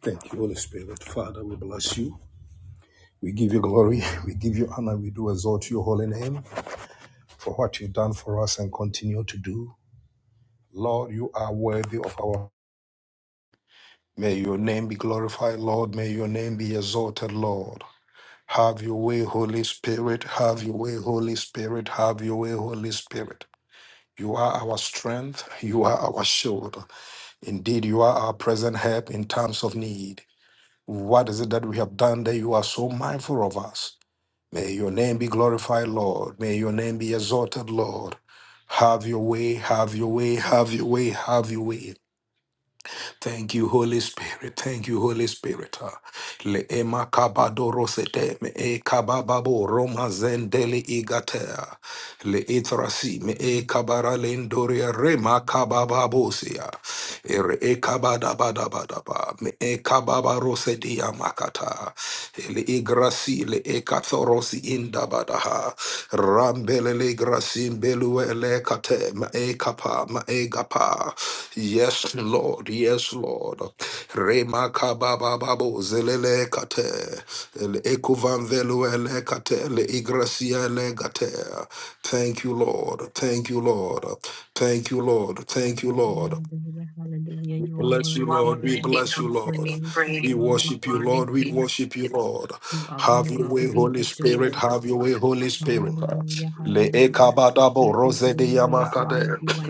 Thank you, Holy Spirit. Father, we bless you. We give you glory. We give you honor. We do exalt your holy name for what you've done for us and continue to do. Lord, you are worthy of our. May your name be glorified, Lord. May your name be exalted, Lord. Have your way, Holy Spirit. Have your way, Holy Spirit. Have your way, Holy Spirit. You are our strength. You are our shield. Indeed, you are our present help in times of need. What is it that we have done that you are so mindful of us? May your name be glorified, Lord. May your name be exalted, Lord. Have your way, have your way, have your way, have your way. Thank you, Holy Spirit. Thank you, Holy Spirit. Ah, Le ema kabado rosete me e kabababo roma zendele igatea le etrasi me e kabara lendoria rema kabababosia ere e kabada kabadabadabadaba me e kababa kababarosedia makata E le igrasi le e kathorosi indabadaha rambele le grasim belue le kate me e kapa me e gapa yes lord yes lord rema kababa babo zelele kate E le ekuvan velue le kate le igrasia le gate Thank you, Lord. Thank you, Lord. Thank you, Lord. Thank you, Lord. Hallelujah, hallelujah. We You are bless you, worthy, Lord. We God, to bless you, be Lord. praised. You are We worthy to worship you, be Lord. lifted We up. worship you, Lord. You are Have worthy your to way, be Holy Spirit. adored. Have your way, Holy Spirit. Hallelujah, Le hallelujah. ekabadabo Give you rose de glory, honor yamakade. you, I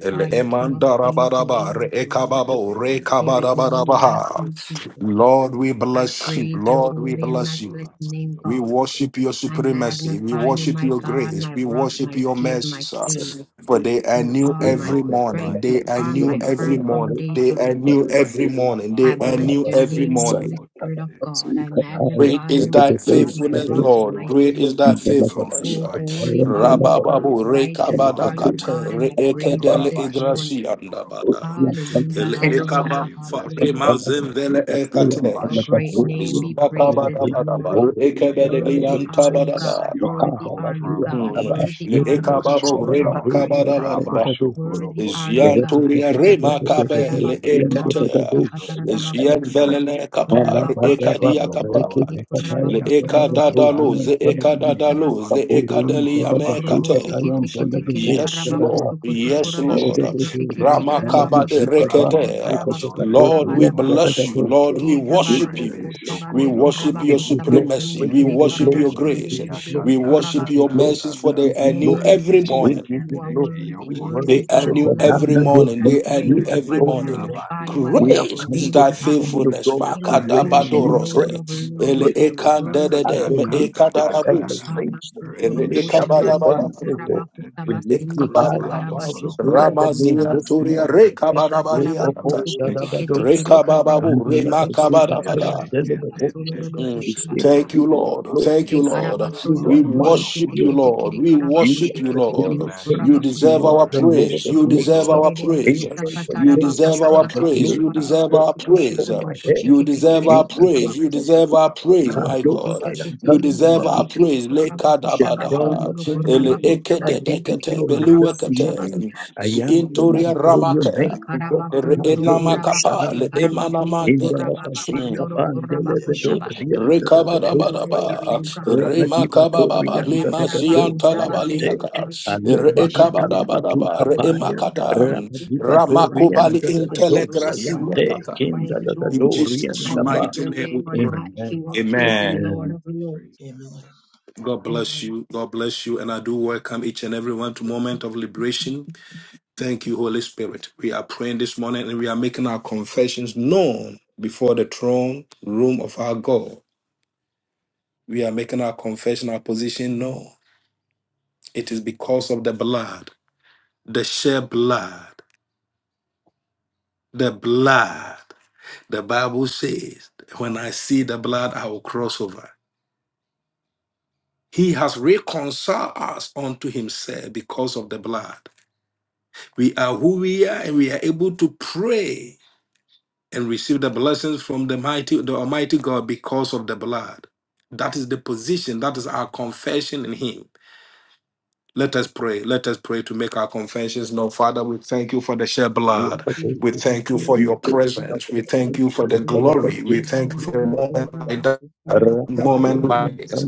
Le you, King of kings and emandarabadaba Lord re of lords. ekababo re There is none like kabadabadabaha. you, Jesus. Lord, we I bless you. praise your Lord, we holy and bless you. matchless name, We God. worship your I supremacy. We magnify you, worship my your God, grace. my We rock, worship my your shield, my mercy. So, king. For they are You new are my every morning. strength. They You are are new my every firm morning. They foundation. are new every morning. I They are bless new your every name, morning. Holy Spirit of God. I Great magnify you, is thy my God, my faithfulness, rock and Lord. my Great is shield. thy faithfulness. Oh, holy are you, God. Rabababu Righteous are you, rekabadakate God, and I praise you reekedele this igrasi morning. andabada. Hallelujah, Ele hallelujah, ekaba hallelujah. farema zemvele ekate. Your great name be praised this Ismakabadabadaba morning. reekebedeli Worthy are you, God. antabadaba. Worthy Makala are you, badu God. Mm. antaba Worthy Le are you, yedo God. ekababo shada Worthy are you, God. remakabadabadaba. badu Worthy are you, Thank God. Zianturia rema kabe Hallelujah. le ekatea. Zian velele kapa Rabaku shiki ekadia tiki tiki kapa de le kurabaku eka sukurubu shiki dadalo ze tiki de eka kukushaba dadalo ze eka delia me tukurubu kate. siki tiki tiki de Yes, karabaku Lord. suku Yes, tukurabaku Lord. siki tiki tiki karabaku Ramakaba de shiki tiki de Rekede. karabasu Lord, we kurabanaba bless you. Lord, we shida worship barabu you. you. We kusabande worship We your give kurabaku you glory. supremacy. We sabasinde We give kide you worship glory. your We karabashide de grace. give de you de de glory. de We We give worship kurabas you your glory. mercies Thank We for they give you, are you bless new Thank glory. you, Lord, you, for every the gift We Jesus. morning. give You you are of glory. worthy. We grace. I They Worthy say are are worship glory you, and new and Lamb of Glory every to honor your God. morning. I name. They God. are new praise We you. We I every adore your morning. magnify, name. magnify we you. I We have lift glorify. your Great is come name this thy on high. morning of Thank faithfulness. God you, King to of Jesus. reign kings Thank on you you, and Lord praise, Lord. of Makadabadorose. Thank you, lords, Ele worship, I Jesus. Thank you, worship ekandedede, Lord. you, me God. adoration, Bless your ekadarabrus. holy name, King elevation. of We Kings. Ele You lift Abakukorobo up deserve the your shabande glory, ekabadabada, banner, you O deserve the God. bokuraba honor. We kusaba lift you Praise high kiri and ekabadra. honor karaba be above unto your every shukorobo holy other name. name We kusaba. Ramazia this Turia morning. magnify you, God. Rekabadabaria We glorify teke you. teke Ekoboshadabadosa, di Thank you, karaba Rekabababu Lord. Bless you, teke di Lord. Remakabadabada karaba kusaba Andalabazukatayandelebedosa. solododo I Mm. give We you all say the Thank you, praise you are Lord. Thank you, glorious, and Lord. glory. you are We mighty, kushike Hallelujah. worship O you, teke God, teke Lord. di We To karaba you worship your are you, the name, teke O di Lord. King of God, we kings, You bukuraba kusu. deserve you glory are and our the Lord praise. of You deserve lords, our de praise. we bukuta find ancient of you You days, deserve glory. our the teke di praise. You glory karaba deserve of Praise our be kushike unto praise. upon your my holy head You name, be teke deserve di our in the magnified, death bukusaba be praise. You of deserve our glorified. praise, God, my And if those they I God. can am You be coming deserve changed, our they will Rukusikitikitikiri praise. be blessed. kuraba We the are with you, crown Lekadabadaha. kushabastunduru upon bless my you, kuraba Ele and we head. are with I give kutabastende you kiri ekededekete. glory kuraba this morning. Beluwekete. kushabaste. I you. Z- worship am and you, Intoria and adore we are your with you. ramakea. name. O God, the Ere You Father, Ikarabastunduru shall the kuraba Son, enamakapa. and the Le Holy kushikaraba Spirit. kutu In the kuraba emanamantede. have Lapazika the babanduru glory, kuraba Bandele deserve the honor, kushabaste. Bedorian praise, the and I majesty, Bedosaya. worship Rekabadabadaba, you, God. Ramadi O glory. Remakababa, Badorian the shakataraba Bedosayante. kusabastende Lemaziantalabaliaka, kiri Ale kuraba Thank you, Lord, Bahanda kushabasta. Badu Rekabadabadaba, You for are Kapaya. your the Remakata, kingdom. almighty Ramadi And God, what you the have been righteous Ramakobali Badorian God. I the praise you, I bless Bedosayante. you, Intelegrasimekata. I Kinda unto you exalt In you. alone, O Dorian Jesus' I the God, I lift Ba. mighty your bless name we you. name on pray. high, Amen. King of kings and Amen. Amen. Lord of lords. God bless Amen. you. God bless you. And I do welcome each and everyone to Moment of Liberation. Thank you, Holy Spirit. We are praying this morning and we are making our confessions known before the throne room of our God. we are making our confession, our position no, It is because of the blood, the shed blood, the blood. The Bible says, When I see the blood, I will cross over. He has reconciled us unto himself because of the blood. We are who we are, and we are able to pray and receive the blessings from the mighty, the Almighty God because of the blood. That is the position, that is our confession in him. Let us pray. Let us pray to make our confessions known. Father, we thank you for the shed Thank blood. you, Thank We Jesus. thank you Thank for you, your Jesus. presence. Thank We you, thank you for the Jesus. glory. We thank you for a Abandoro moment kura you. like that, baku sama teka moment tara baku like this,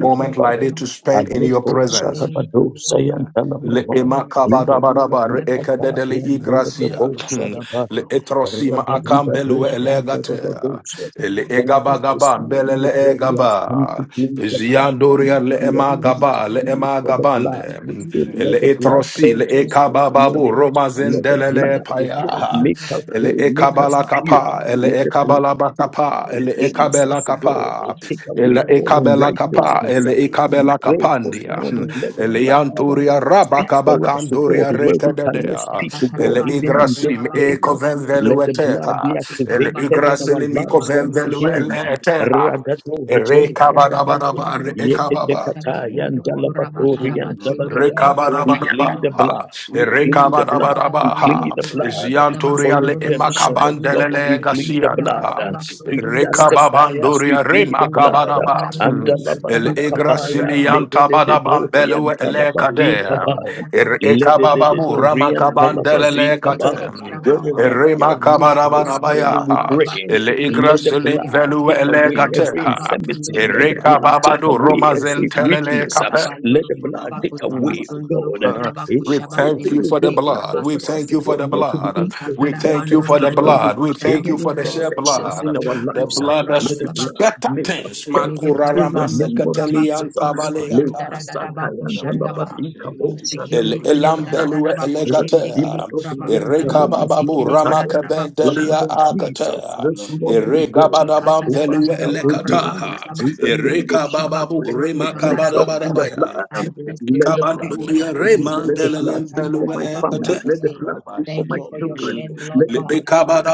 moment like this to spend in your Alebo I presence. Thank you, Shadabado Lord God, for who Le you Sayantanamabai. are. I thank you for your emakabarabaraba re sacrifice Indelebadukata ekadedeli and grace, and I igracia. Yandelebo don't take it for Le Shadabai. granted. etrosima Only one Rabadribade akambelue God that is able elegate. Yandadadadosha. to do Le it. This Father, is the this egabagaba cause morning of mbelele before what we you have come are. to egaba. plead the that blood. Ziandoria makes le We us have who come we to emagaba are le in plead the for the kingdom. blood. We emagabande. We say, are Le let the lost blood into etrosi the le page us whole this places ekabababu morning. in Christ Let the Jesus. romazendelele blood of That we God paya will make have us a ele whole, make us ekabala dominion pure. kapa, around the ele Let sun the and ground to stand in the blood ekabala darkness of bakapa, the ele rich gives ekabela rampant us of God. the They kapa, take heavens of away ele all broken and ekabela spoken kapa, unrighteousness. it ele We ekabela pray because of this your kapandia, morning, finished let the work ele this blood yanturia morning speak that rabaka for we us have to the God bakanduria where victory. we cannot Ushta rekadedea, speak to katara God, ele even bandolo in this igrasim kuraba day. kutabatu Let the nekele blood karaba be ekovenvelueteha, ele shekaraba activated in our kundolo igrasilimi lives once again. kovenvelueleteha, Ragato robo sadabaya. Rekabarabaraba, Shekarabakusunduru Yekete rekababa. kataya kurabakutsabakusunduru ndalabatori kurabakarabashende kire andabadada. We Rekabarabaraba, plead the kurabasobosu. blood. We plead the blood. We Uchakatarabanduru plead Rekabarabaraba, the blood for Zianturia le kurabakutsabasunduru redemption of kurabayende God. We Macabandelele kese Amen. kiri plead the Gaciana, blood Thank you for to kurabasabasunduru your blood. justify kurabakutsa. us. We Rekababanduria plead the blood. Remacabaraba, And Uchakatarabakuru El kutsabasunduru Andalabadukabaya, Egracilian kurabakutsabasi. Tabadabam Belue Le Cadea, ledededoriantalabazikabaya, Ekatarabakuru Rekabababu kutsabasunduru kutsabaseke Ramacabandelele kende kire lededededoriantalabazikabaya. Catem. Wherever karabarundu. we are Rema weak this morning, we kabarabarabaya, Ukurabakutsandaba pray. ele Let the kusheketende igrasile blood velu take ele away every gateha, infirmity. kiyandarabakurobusabasunduru Let ere the blood take kababado kurabakarabasi. away romazen every Sekendi telele weakness. kape. Let the blood take Hmm. away, God, Uh, we thank you everything, for the God, that blood. We causes us, thank you for God, the not to be blood. in We thank you perfect for the before you. blood. We thank Any you for the shed imperfections in blood. our Thank The lives, you uh, for blood that dying let the on the speaks blood cross better make for us, O us things. God, and perfect us to in Makurarama the name of sekateli I Jesus. uh. thank you for the antabaleaka. blood I give you praise. I Lekasakayandalabadikabosha, give you all the El glory. elam kiyandara da belue baku şende kiri elegatea. kura baku sabah Ereka sende bababu kiri kara Rakadibadobriyantalamazikataya. ramaka da baku Blood bendelia of şabasa. Jesus, akatea. this morning, O Ereka God, badabam over velue Chikatarabandoro elekata. kurabaku domain. In the sabasundoro name of Ereka Jesus, kushabaku bababu I put sukuta remaka myself karabasa. in the badabadabaya. I blood. bless your Let the name. I blood bless speak Kabanduria your for me. name. Let the blood remandelelem speak for my family. belue Let the Kushapatandarabakurakuse. blood speak for Thank my you for your children. shed Mm. blood, Let Le the blood God.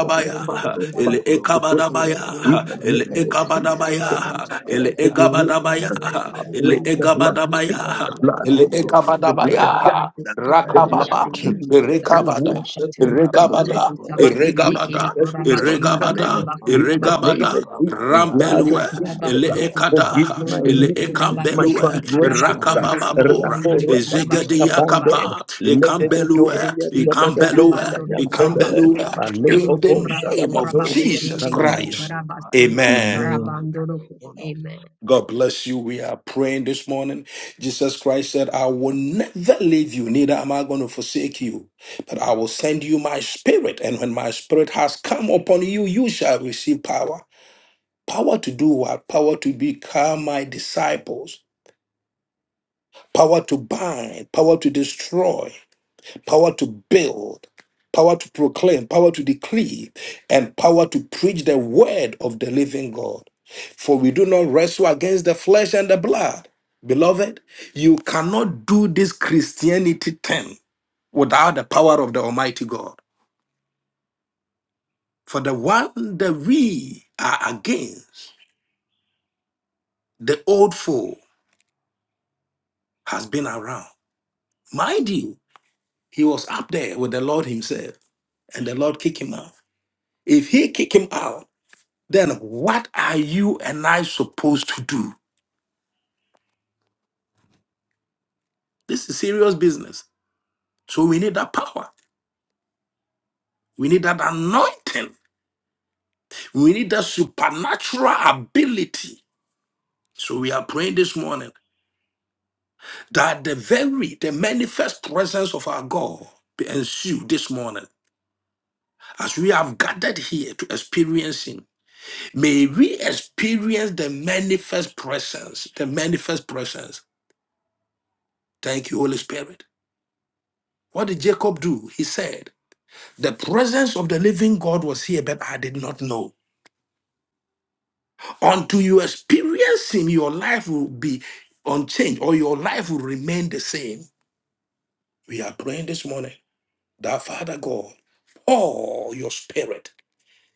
for my father, ele father, kurabakusa. forgive them. Your ekabadabaya, In blood the that ele name of speaks speaks Jesus, for ekabadabaya, the us on today. ele entire Your generation, egabadabaya, blood, I Almighty pray ele God, that the blood redeems egabadabaya, speak, your the blood blood that ele protect, the propitiates the egabadabaya, blood guide, kuramakusa. Your the blood blood that Rakababa, heal removes things. every Rekabada, wound, every Oshatanda bakuru infirmity, Regabada, every kusabasende weakness, kiri Iregabada, every kurabashinda shortcoming. Iregabada, In the karabakusabase. name Iregabada, of Jesus, blood of Rambelue, Ikataraba Jesus, uh, kuru forgive Eleekada, my kusabasondo do iniquities, kuraba my kushiri Eleekambelue, Thank transgressions. you. uh, karabasondo kuraba Rakabababora, yende karabashe Ezegadia musaba. Rakorabadikapande, Kapa, Ekambelue, ledededorian, dadadadosa, Ekambelue, Ikatarabando do kuraba yantelebe. Ekambelue, kusabasondo in Alebo do bo the kuraba name of kuraba shadabatori and Jesus kushinde kiri talamamba. Christ. karabaso. Amen. Amen. Karabando do ku- Amen. Amen. God bless you. We are praying this morning. Jesus Christ said, I will never leave you, neither am I going to forsake you, but I will send you my spirit. And when my spirit has come upon you, you shall receive power. Power to do what? Power to become my disciples, power to bind, power to destroy power to build, power to proclaim, power to decree, and power to preach the word of the living God. For we do not wrestle against the flesh and the blood. Beloved, you cannot do this Christianity thing without the power of the Almighty God. For the one that we are against, the old foe, has been around. Mind you, he was up there with the Lord himself, and the Lord kicked him out. If he kicked him out, then what are you and I supposed to do? This is serious business. So we need that power. We need that anointing. We need that supernatural ability. So we are praying this morning that the very, the manifest presence of our God be ensued this morning. As we have gathered here to experience Him, may we experience the manifest presence, the manifest presence. Thank you, Holy Spirit. What did Jacob do? He said, The presence of the living God was here, but I did not know. Until you experience Him, your life will be unchanged or your life will remain the same. We are praying this morning that Father God, pour your spirit,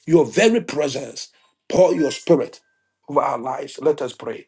your very presence, pour your spirit over our lives. Let us pray.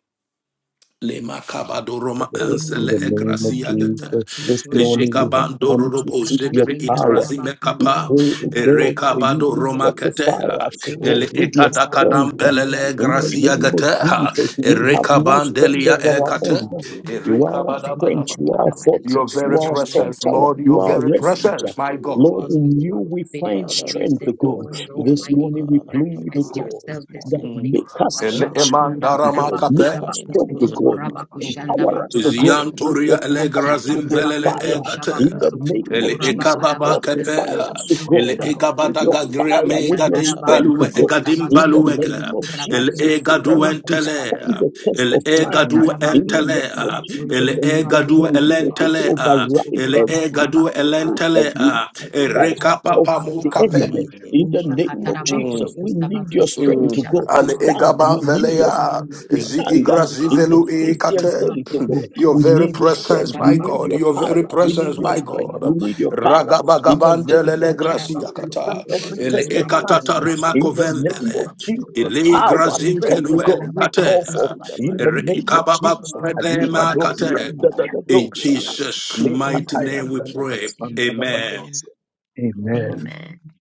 Le macabado roma Lord, in ansele the e Hallelujah, name of gracia hallelujah. gata. Jesus, Ki this E morning we kurabasondo have jecabando come kuraba to robo seek Father, your jebere we karabashinde pray in power. the itrazime mighty karabaso name of We capa. King kuraba Jesus pray, O yende Christ E that God, we for karabaso you recabado to invite roma kurabuku. you, your fortify spirit, catea. oh us, O God, E Pusha we le God, with invite your your patara etada spirit, bakura cadam strength. let us kusende belele In experience kiri the your gracia kura name ba spirit of this morning, gata. Jesus, yes, bastu. E we Lord. have Lord, no Let and us strength of recabandelia glory e our experience your cate. own. glorify you, spirit E God. this You are morning our in the Thank mighty you, strength, recabadabadaba. Lord you name of are our God. King Jesus, Your fortress, oh Let you very are our your God. strong presence, manifest We tower, Lord, want you to your are our thank very you, experience refuge. your presence, my Shakatara spirit, God. Lord, yes, Bakura in you Kusu. Lord. we Be in find our Father, midst strength, visit O this us God. this morning, morning, This O Almighty morning God. we God. Talk plead, O to Manifest us God, this yourself this that morning. Mm. morning. make In us the E le help mighty name of Ashabakunda King emandarama God. Jesus, Make cape. come us in our strong, O Karabakushabakusuru midst, O God. God. We Kurabakushanda invite Empower you us, to O come in God, Bakurabasti. our with your Zianturia midst. power, Thank with elegrazim Unshatanda your you for velele Bakuru fire. making egate. me In the receive of Kushabakusukutu name your of Ele will this Jesus, ekababa morning. Yes, kepe. fortify Kurabakarabasumbutu Lord, us, O Shakuru Master, Ele God, Takaya with egabada your Kaba, gagria fire, me with your gadim Ushataraba Rantaka, strength, O balue and kuroko God. gadim Davidus, In the sabasende kiri Yaka, name baluega. of and kuraba Ele yende Lukaya. Jesus, so that egadu kuraba we can Father, entele. have kushabase. stand your the way, test Ele have of your way, time. egadu have Ikataraba your In way, the kuroko entele. have name of your way, King of Jesus, sabasunduru Ele and Kings, Lord, have kuraba your we egadu will yende way, be kure able elentele. to have kushaba your way, override Ele mighty kusukuraba God, every kuraba egadu have your kusa. cross, way, elentele. yes, every Lord, have Manifest your Ere way. else yourself, O of kapapa In God, mu this the Jesus' kape. morning. enemy. mighty name, In the now we name say, of take Ushakataraba Jesus, kuroko dominion, we yes, need your Lord. sabasukuro strength Mm. to Let us go to kushabase. Ale stand. experience egaba We We have you need this your been strength veleya morning, doing O to God, zi nothing, stand Holy up igra O Spirit. in God, this zivelu without Holy Christian you, ikate. Spirit, faith, nothing let oh us God. Your without We you. very experience need your you, O presence, strength. God. We my Ushakataraba need God. your Your kuroko power. Yes, very We Lord, need take presence, your my strength. dominion, We God. sabasukuraba take need your power. dominion this Ragaba In the morning. Have name of your Jesus, own Amen. gracia way. to kata. stand Let your every Ele name test be of time. ekatata glorified. Let remako In the name your vembele. of name be Jesus, Ele glorified. power, Let your grazin name be strength, oh God. We glorified. kate. call for In the in the Ere mighty name name of of ikababa Jesus, Jesus. we say, have Adibado, your makate. way, King of Kings. Have In your yandadadadosa, way. Jesus' We mighty Thank Letakaya, name we you and we pray. bless you. Amen. Amen. dadabasandadabadosa. Amen.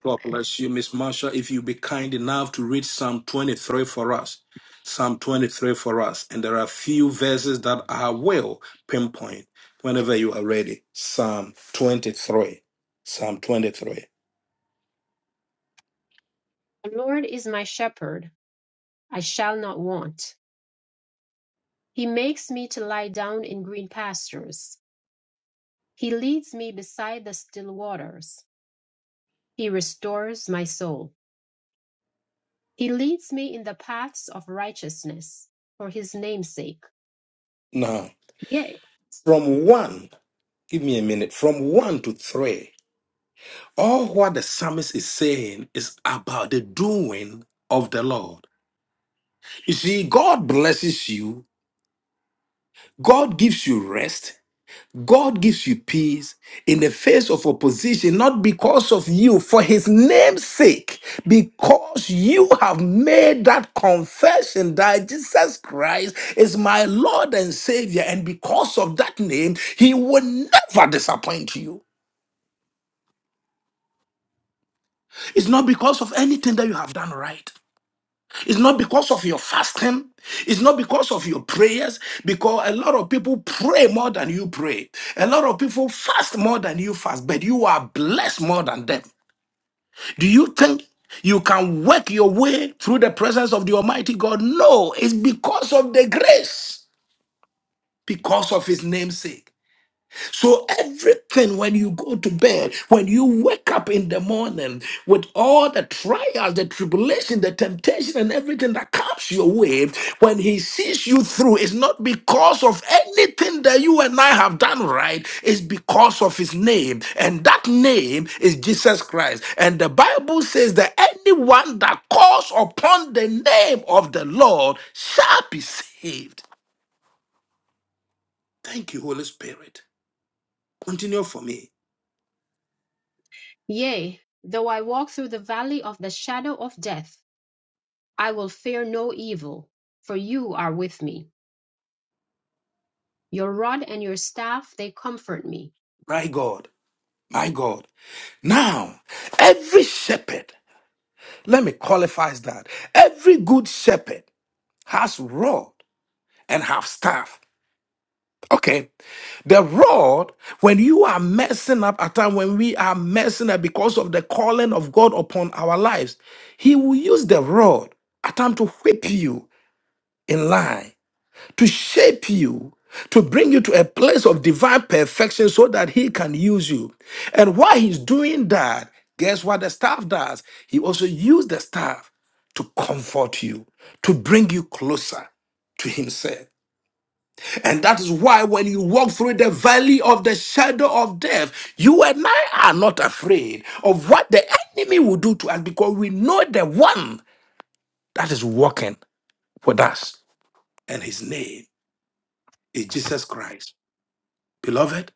God bless you, Miss Marsha. If you be kind enough to read Psalm 23 for us, Psalm 23 for us, and there are few verses that I will pinpoint whenever you are ready. Psalm 23. Psalm 23. The Lord is my shepherd, I shall not want. He makes me to lie down in green pastures. He leads me beside the still waters. He restores my soul. He leads me in the paths of righteousness for his name's sake. Now, Yea, from one, give me a minute, from one to three. All what the psalmist is saying is about the doing of the Lord. You see, God blesses you, God gives you rest, God gives you peace in the face of opposition, not because of you, for his name's sake, because you have made that confession that Jesus Christ is my Lord and Savior, and because of that name, he will never disappoint you. It's not because of anything that you have done right. It's not because of your fasting. It's not because of your prayers, because a lot of people pray more than you pray. A lot of people fast more than you fast, but you are blessed more than them. Do you think you can work your way through the presence of the Almighty God? No, it's because of the grace, because of His namesake. So everything when you go to bed, when you wake up in the morning with all the trials, the tribulation, the temptation, and everything that comes your way, when he sees you through, it's not because of anything that you and I have done right, it's because of his name. And that name is Jesus Christ. And the Bible says that anyone that calls upon the name of the Lord shall be saved. Thank you, Holy Spirit. Continue for me. Yea, though I walk through the valley of the shadow of death, I will fear no evil, for you are with me. Your rod and your staff, they comfort me. My God. My God. Now, every shepherd, let me qualify that. Every good shepherd has rod and have staff. Okay. The rod, when you are messing up, at time when we are messing up because of the calling of God upon our lives, He will use the rod at time to whip you in line to shape you, to bring you to a place of divine perfection so that He can use you. And while He's doing that, guess what the staff does? He also uses the staff to comfort you, to bring you closer to Himself. And that is why when you walk through the valley of the shadow of death, you and I are not afraid of what the enemy will do to us because we know the one that is walking with us. And His name is Jesus Christ. Beloved,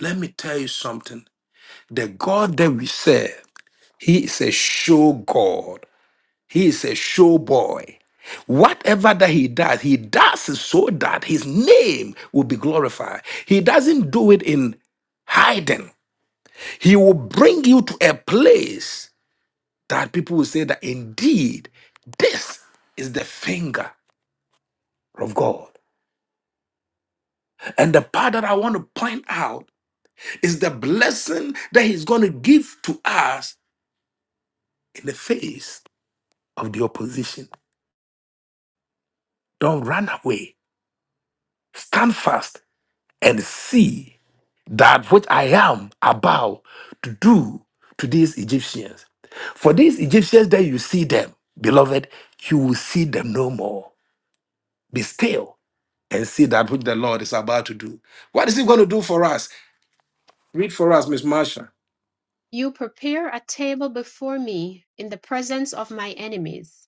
Let me tell you something. The God that we serve, He is a show God. He is a show boy. Whatever that He does, He does it so that His name will be glorified. He doesn't do it in hiding. He will bring you to a place that people will say that indeed this is the finger of God. And the part that I want to point out is the blessing that He's going to give to us in the face. of the opposition. Don't run away. Stand fast and see that which I am about to do to these Egyptians. For these Egyptians that you see them, beloved, you will see them no more. Be still and see that which the Lord is about to do. What is he going to do for us? Read for us, Miss Marsha. You prepare a table before me in the presence of my enemies.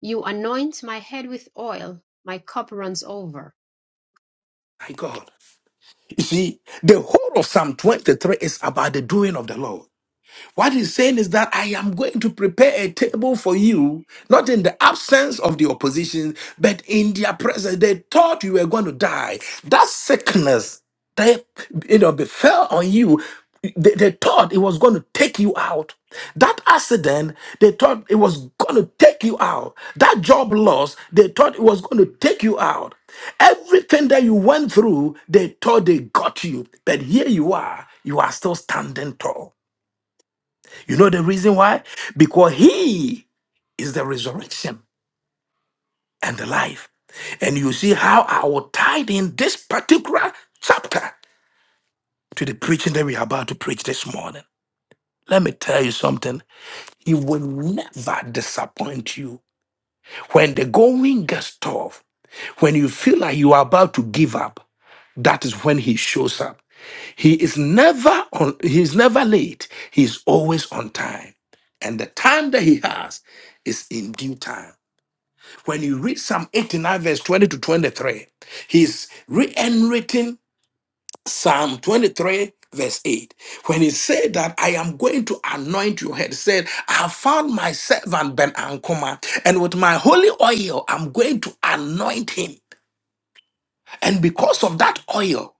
You anoint my head with oil, my cup runs over. My God. You see, the whole of Psalm 23 is about the doing of the Lord. What he's saying is that I am going to prepare a table for you, not in the absence of the opposition, but in their presence. They thought you were going to die. That sickness that you know befell on you, they, they thought it was going to take you out. That accident, they thought it was going to take you out. That job loss, they thought it was going to take you out. Everything that you went through, they thought they got you. But here you are, you are still standing tall. You know the reason why? Because he is the resurrection and the life. And you see how I will tie in this particular chapter to the preaching that we are about to preach this morning. Let me tell you something. He will never disappoint you. When the going gets tough, when you feel like you are about to give up, that is when he shows up. He is never on he's never late. He is always on time. And the time that he has is in due time. When you read Psalm 89, verse 20 to 23, he's re enwriting Psalm 23, verse 8. When he said that, I am going to anoint your head, said, I have found my servant Ben Ankoma, and with my holy oil, I'm going to anoint him. And because of that oil,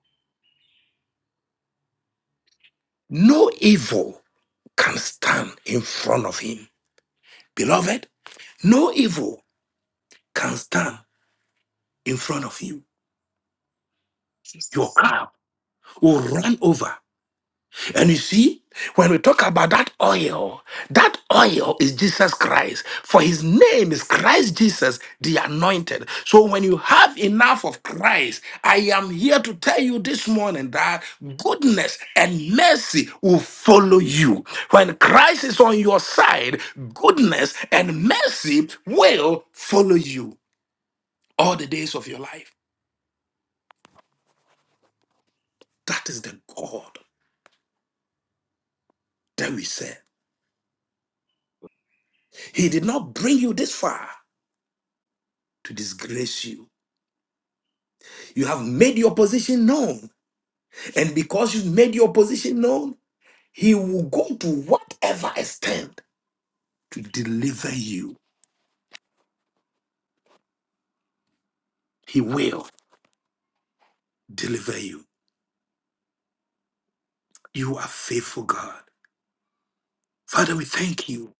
no evil can stand in front of him. Beloved, no evil can stand in front of you. Your Jesus. car will run over. And you see, when we talk about that oil, that oil is Jesus Christ. For his name is Christ Jesus, the anointed. So when you have enough of Christ, I am here to tell you this morning that goodness and mercy will follow you. When Christ is on your side, goodness and mercy will follow you all the days of your life. That is the God that we serve. He did not bring you this far to disgrace you. You have made your position known. And because you've made your position known, he will go to whatever extent to deliver you. He will deliver you. You are faithful, God. Father, we thank you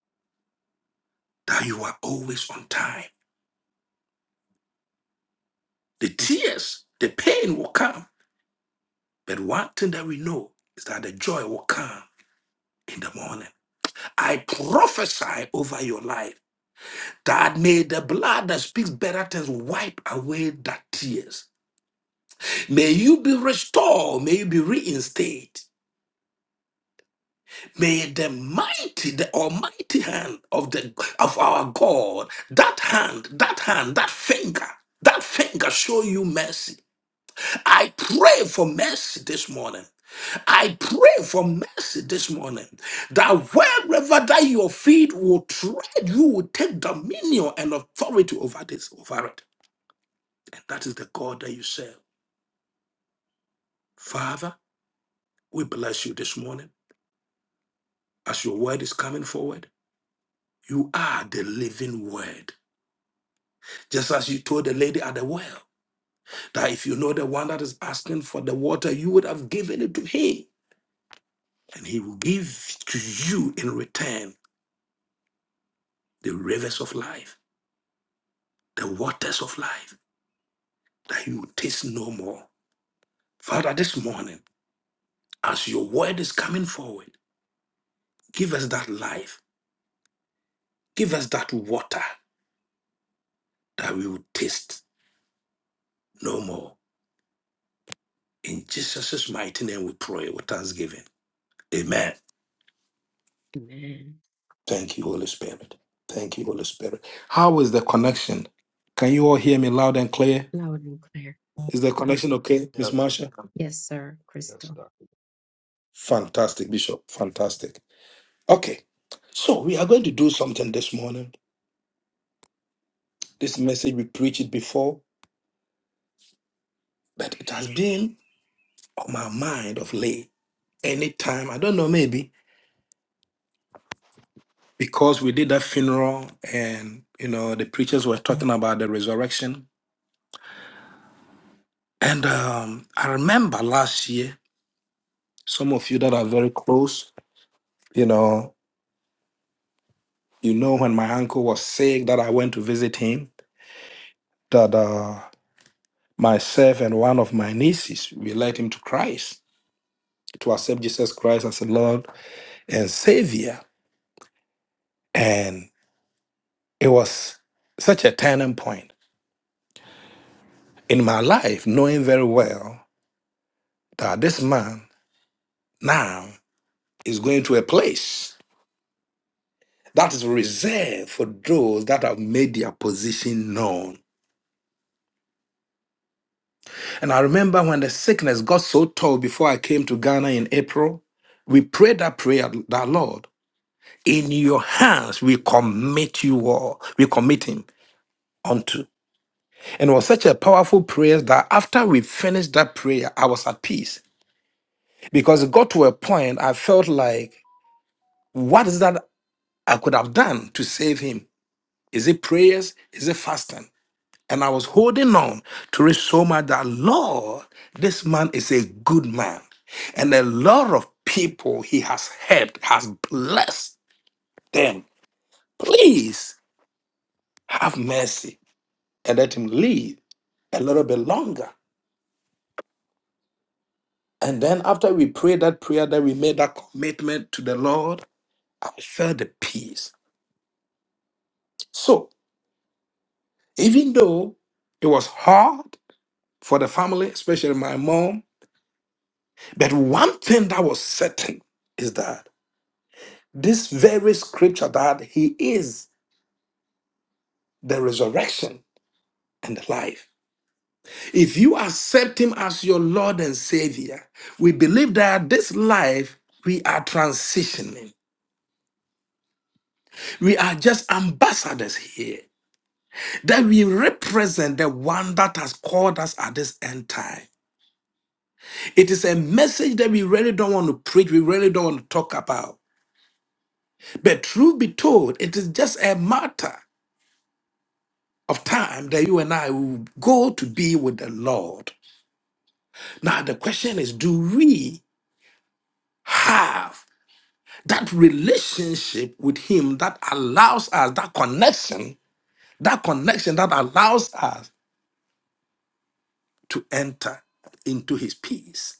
that you are always on time. The tears, the pain will come. But one thing that we know is that the joy will come in the morning. I prophesy over your life that may the blood that speaks better things wipe away that tears May you be restored. May you be reinstated. May the mighty, the almighty hand of the of our God, that hand, that hand, that finger, that finger show you mercy. I pray for mercy this morning. I pray for mercy this morning. That wherever that your feet will tread, you will take dominion and authority over this, over it. And that is the God that you serve. Father, we bless you this morning as your word is coming forward. You are the living word. Just as you told the lady at the well, that if you know the one that is asking for the water, you would have given it to him, and he will give to you in return the rivers of life, the waters of life, that you will taste no more. Father, this morning, as your word is coming forward, give us that life, give us that water that we will taste no more. In Jesus' mighty name we pray with thanksgiving. Amen. Amen. Thank you, Holy Spirit. Thank you, Holy Spirit. How is the connection? Can you all hear me loud and clear? Loud and clear. Is the connection okay, Miss Marsha? Yes, sir, Crystal. Fantastic, Bishop. Fantastic. Okay. So we are going to do something this morning. This message we preached it before, but it has been on my mind of late. Anytime, I don't know, maybe because we did that funeral and you know the preachers were talking about the resurrection. And um, I remember last year, some of you that are very close. you know you know when my uncle was sick that i went to visit him that uh myself and one of my nieces we led him to christ to accept jesus christ as a lord and savior and it was such a turning point in my life knowing very well that this man now is going to a place that is reserved for those that have made their position known And I remember when the sickness got so tall before I came to Ghana in April, we prayed that prayer that Lord, in your hands we commit you all, we commit him unto. And it was such a powerful prayer that after we finished that prayer, I was at peace because it got to a point I felt like, what is that I could have done to save him? Is it prayers? Is it fasting? And I was holding on to it so much that, Lord, this man is a good man. And a lot of people he has helped has blessed them. Please have mercy and let him live a little bit longer. And then after we prayed that prayer, that we made that commitment to the Lord, I felt the peace. So even though it was hard for the family, especially my mom, but one thing that was certain is that This very scripture that he is the resurrection and the life. If you accept him as your Lord and Savior, we believe that this life we are transitioning. We are just ambassadors here. That we represent the one that has called us at this end time. It is a message that we really don't want to preach, we really don't want to talk about. But truth be told, it is just a matter of time that you and I will go to be with the Lord. Now, the question is do we have that relationship with Him that allows us, that connection, that connection that allows us to enter into His peace?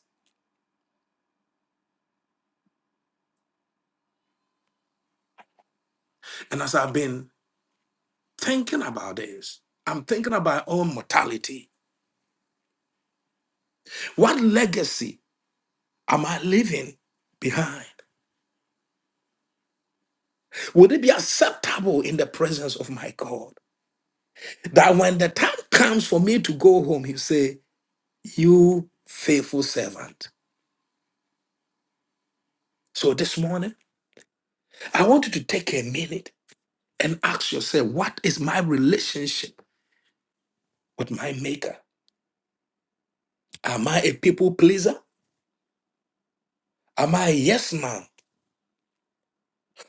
And as I've been thinking about this, I'm thinking about our own mortality. What legacy am I leaving behind? Would it be acceptable in the presence of my God that when the time comes for me to go home, He'll say, You faithful servant? So this morning, I want you to take a minute and ask yourself, what is my relationship with my maker? Am I a people pleaser? Am I a yes man?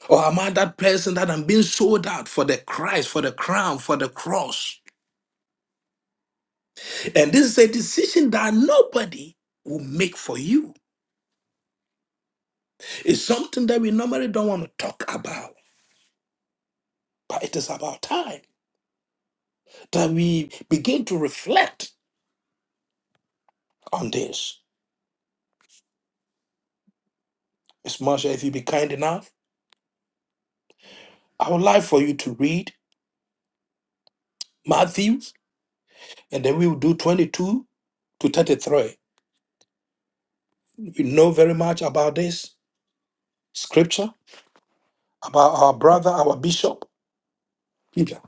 Or am I that person that I'm being sold out for the Christ, for the crown, for the cross? And this is a decision that nobody will make for you. It's something that we normally don't want to talk about, but it is about time that we begin to reflect on this. Ms. Marsha, if you be kind enough, I would like for you to read Matthews, and then we will do 22 to 33. We know very much about this scripture, about our brother, our bishop, Peter.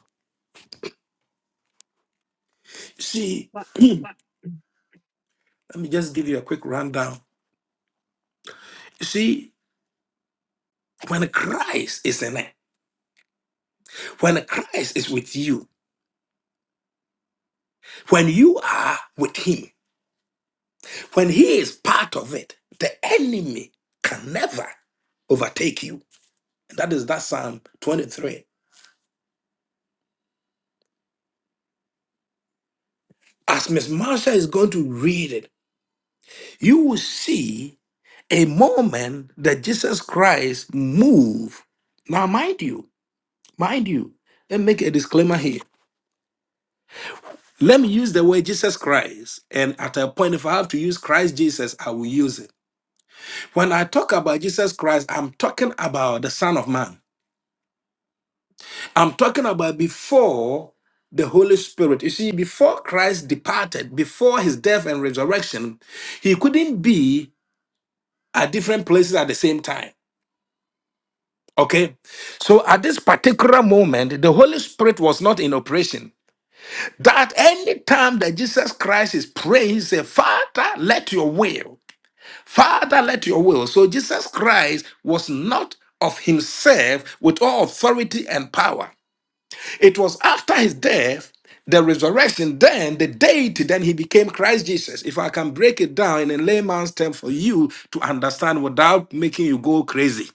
See, What? let me just give you a quick rundown. See, when Christ is in it, when Christ is with you, when you are with him, when he is part of it, the enemy can never overtake you. And that is that Psalm 23. As Miss Marsha is going to read it, you will see a moment that Jesus Christ moved. Now, mind you, mind you, let me make a disclaimer here. Let me use the word Jesus Christ. And at a point, if I have to use Christ Jesus, I will use it. When I talk about Jesus Christ, I'm talking about the Son of Man. I'm talking about before the Holy Spirit. You see, before Christ departed, before his death and resurrection, he couldn't be at different places at the same time. Okay. So at this particular moment, the Holy Spirit was not in operation. That any time that Jesus Christ is praying, he said, Father, let your will. Father, let your will. So Jesus Christ was not of himself with all authority and power. It was after his death, the resurrection, then the deity, then he became Christ Jesus. If I can break it down in a layman's term for you to understand without making you go crazy.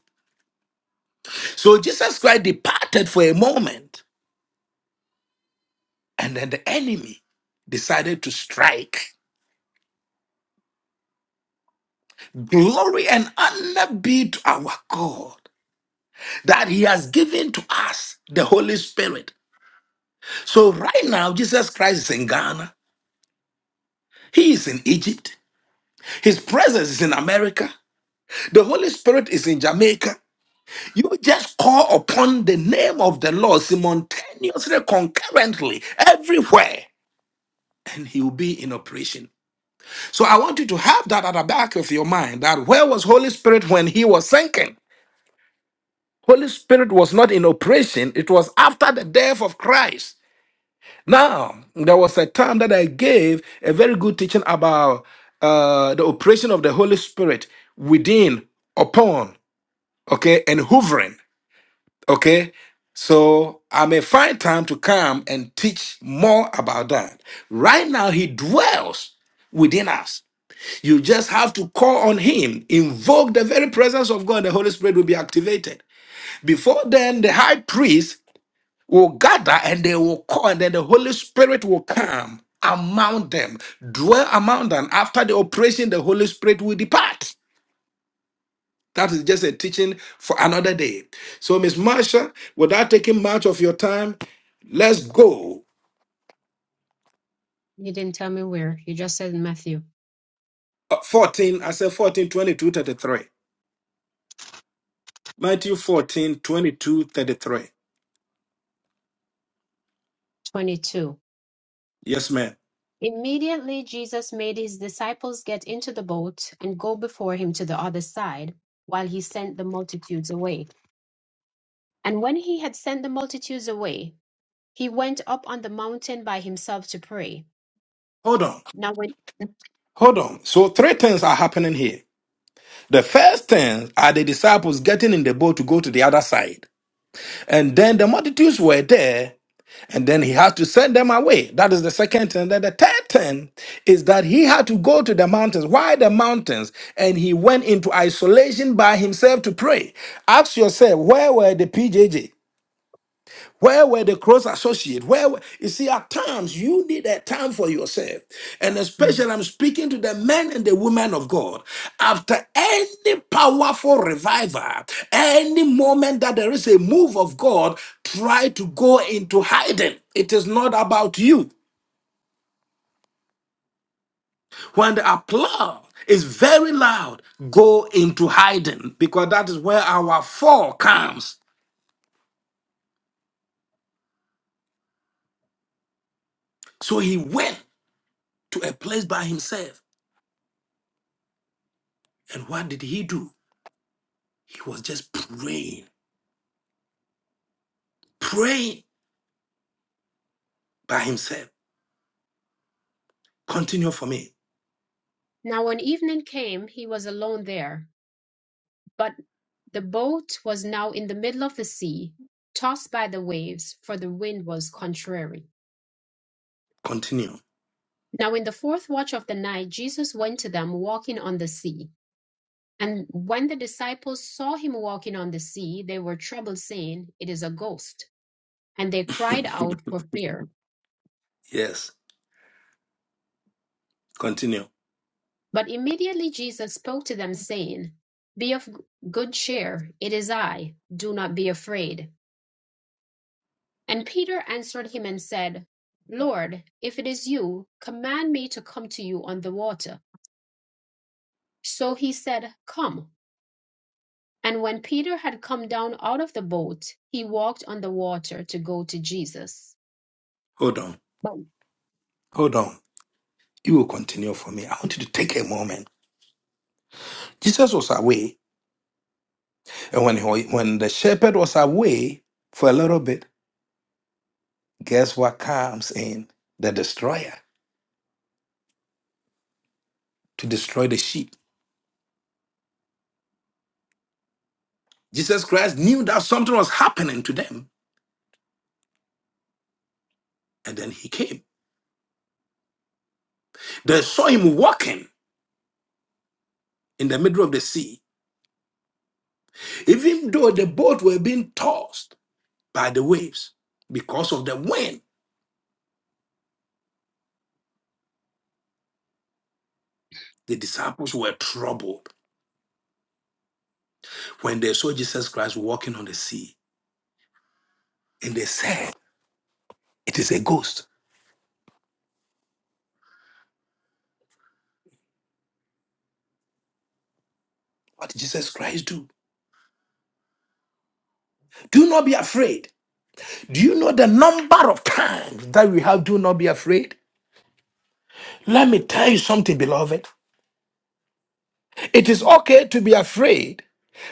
So Jesus Christ departed for a moment And then the enemy decided to strike. Glory and honor be to our God that He has given to us the Holy Spirit. So, right now, Jesus Christ is in Ghana, He is in Egypt, His presence is in America, the Holy Spirit is in Jamaica. You just call upon the name of the Lord simultaneously, concurrently, everywhere, and He will be in operation. So, I want you to have that at the back of your mind that where was Holy Spirit when He was sinking? Holy Spirit was not in operation. It was after the death of Christ. Now, there was a time that I gave a very good teaching about uh, the operation of the Holy Spirit within, upon, okay, and hovering, okay. So I may find time to come and teach more about that. Right now, He dwells within us. You just have to call on Him, invoke the very presence of God, the Holy Spirit will be activated. Before then, the high priest will gather and they will call, and then the Holy Spirit will come among them, dwell among them. After the operation, the Holy Spirit will depart. That is just a teaching for another day. So, Miss Marsha, without taking much of your time, let's go. You didn't tell me where. You just said Matthew Uh, 14, I said 14, 22, 33. Matthew 14, 22, 33. 22. Yes, ma'am. Immediately Jesus made his disciples get into the boat and go before him to the other side, while he sent the multitudes away. And when he had sent the multitudes away, he went up on the mountain by himself to pray. Hold on. Now when Hold on. So, three things are happening here. The first thing are the disciples getting in the boat to go to the other side. And then the multitudes were there, and then he had to send them away. That is the second thing. Then the third thing is that he had to go to the mountains. Why the mountains? And he went into isolation by himself to pray. Ask yourself, where were the PJJ? Where were the close associates? Where were, you see, at times you need a time for yourself, and Mm. especially I'm speaking to the men and the women of God. After any powerful revival, any moment that there is a move of God, try to go into hiding. It is not about you. When the applause is very loud, go into hiding because that is where our fall comes. So he went to a place by himself, and what did he do? He was just praying, praying by himself. Continue for me. now when evening came, he was alone there, but the boat was now in the middle of the sea, tossed by the waves, for the wind was contrary. Continue. Now in the fourth watch of the night, Jesus went to them walking on the sea. And when the disciples saw him walking on the sea, they were troubled, saying, It is a ghost. And they cried out for fear. yes, continue. But immediately Jesus spoke to them, saying, Be of good cheer, it is I, do not be afraid. And Peter answered him and said, Lord, if it is you, command me to come to you on the water. So he said, Come. And when Peter had come down out of the boat, he walked on the water to go to Jesus. Hold on. But, Hold on. You will continue for me. I want you to take a moment. Jesus was away, and when he, when the shepherd was away for a little bit, guess what comes in? The destroyer to destroy the sheep. Jesus Christ knew that something was happening to them, and then he came. They saw him walking in the middle of the sea, even though the boat were being tossed by the waves. Because of the wind, the disciples were troubled when they saw Jesus Christ walking on the sea. And they said, It is a ghost. What did Jesus Christ do? Do not be afraid. Do you know the number of times that we have do not be afraid? Let me tell you something, beloved. It is okay to be afraid,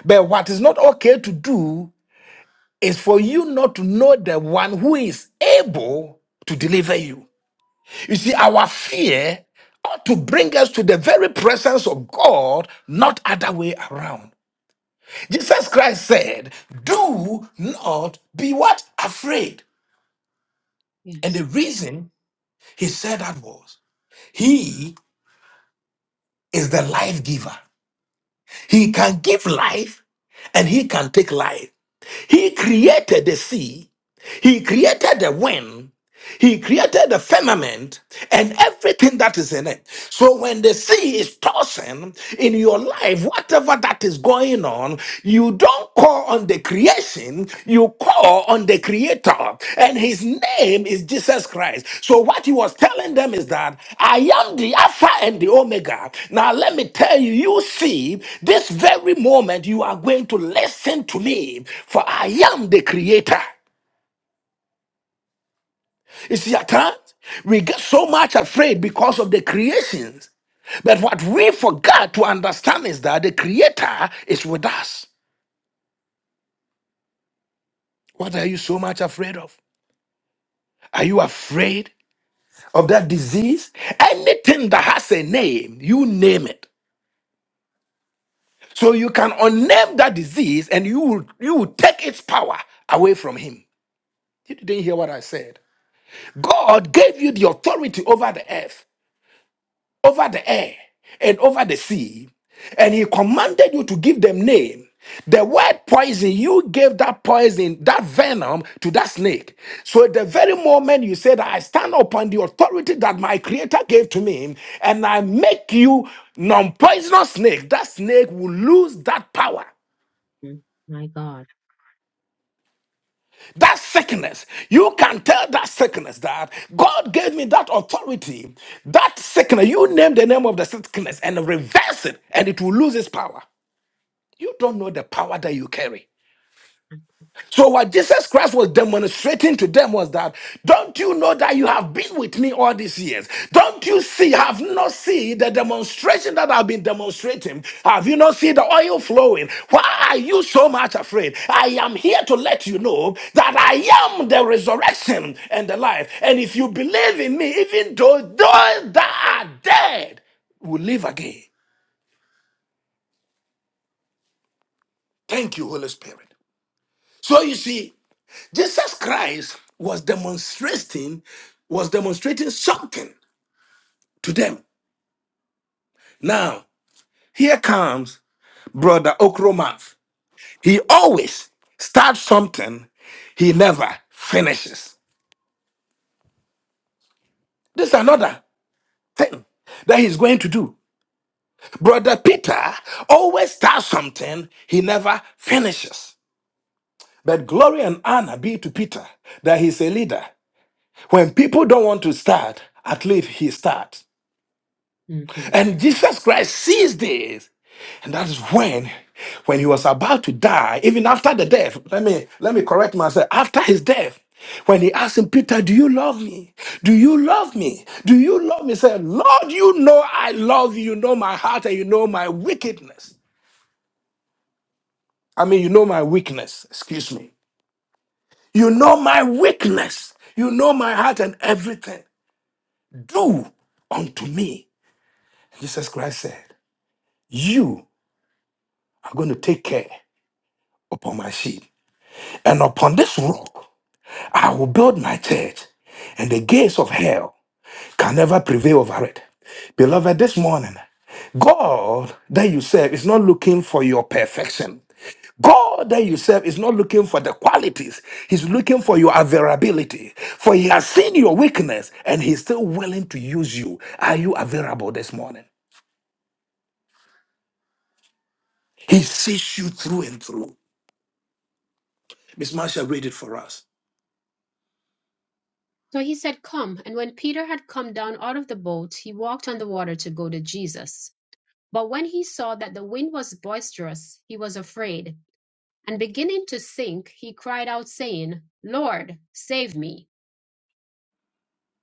but what is not okay to do is for you not to know the one who is able to deliver you. You see, our fear ought to bring us to the very presence of God, not other way around. Jesus Christ said, Do not be what? Afraid. And yes the reason he said that was he is the life giver. He can give life and he can take life. He created the sea He created the wind, he created the firmament and everything that is in it. So when the sea is tossing in your life, whatever that is going on, you don't call on the creation, you call on the creator. And his name is Jesus Christ. So what he was telling them is that I am the Alpha and the Omega. Now let me tell you, you see, this very moment you are going to listen to me, for I am the creator. You see, at times we get so much afraid because of the creations. But what we forgot to understand is that the Creator is with us. What are you so much afraid of? Are you afraid of that disease? Anything that has a name, you name it. So you can unname that disease and you will, you will take its power away from him. You didn't hear what I said. God gave you the authority over the earth. over the air and over the sea, and he commanded you to give them name. The word poison, you gave that poison, that venom to that snake. So at the very moment you said, I stand upon the authority that my creator gave to me, and I make you non-poisonous snake, that snake will lose that power. Mm, My God. That sickness, you can tell that sickness that God gave me that authority. That sickness, you name the name of the sickness and reverse it, and it will lose its power. You don't know the power that you carry. So what Jesus Christ was demonstrating to them was that, don't you know that you have been with me all these years? Don't you see, have not seen the demonstration that I've been demonstrating? Have you not seen the oil flowing? Why are you so much afraid? I am here to let you know that I am the resurrection and the life. And if you believe in me, even though those that are dead will live again. Thank you, Holy Spirit. So you see, Jesus Christ was demonstrating was demonstrating something to them. Now, here comes brother Okromath. He always starts something he never finishes. This is another thing that he's going to do. Brother Peter always starts something he never finishes. But glory and honor be to Peter that he's a leader. When people don't want to start, at least he starts. hmm And Jesus Christ sees this And that is when, when he was about to die, even after the death, let me let me correct myself. After his death, when he asked him, Peter, do you love me? Do you love me? Do you love me? He said, Lord, you know I love you. You know my heart and you know my wickedness. I mean, you know my weakness. Excuse me. You know my weakness. You know my heart and everything. Do unto me. Jesus Christ said, You are going to take care upon my sheep. And upon this rock, I will build my church, and the gates of hell can never prevail over it. Beloved, this morning, God that you serve is not looking for your perfection. God that you serve is not looking for the qualities, He's looking for your availability. For He has seen your weakness and He's still willing to use you. Are you available this morning? He sees you through and through. Miss Marsha, read it for us. So he said, Come. And when Peter had come down out of the boat, he walked on the water to go to Jesus. But when he saw that the wind was boisterous, he was afraid. And beginning to sink, he cried out, saying, Lord, save me.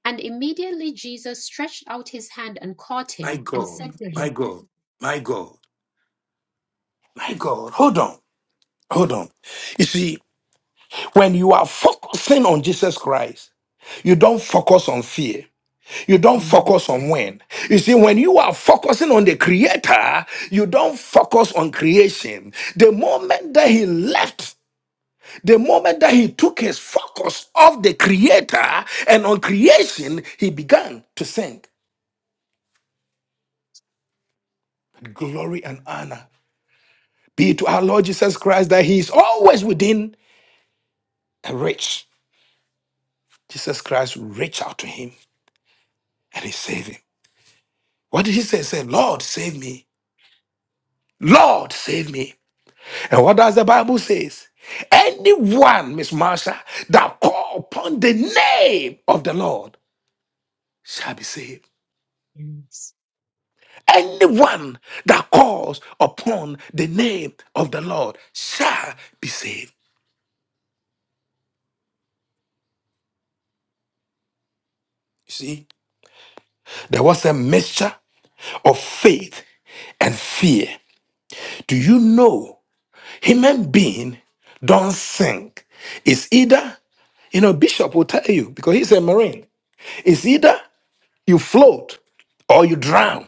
And immediately Jesus stretched out his hand and caught My him and God, said to my him, God, my God, my God. Hold on, hold on. You see, When you are focusing on Jesus Christ, you don't focus on fear. You don't Mhm. focus on when. You see, when you are focusing on the Creator, you don't focus on creation. The moment that He left, the moment that He took His focus off the Creator and on creation, He began to sink. Glory and honor be to our Lord Jesus Christ that He is always within a reach. Jesus Christ reached out to Him and He saved Him. What did he say? He said, Lord, save me. Lord, save me. And what does the Bible says? Anyone, Miss Marsha, that call upon the name of the Lord shall be saved. Yes, Anyone that calls upon the name of the Lord shall be saved. You see, there was a mixture of faith and fear. Do you know human being don't think? It's either, you know, Bishop will tell you because he's a Marine. It's either you float or you drown.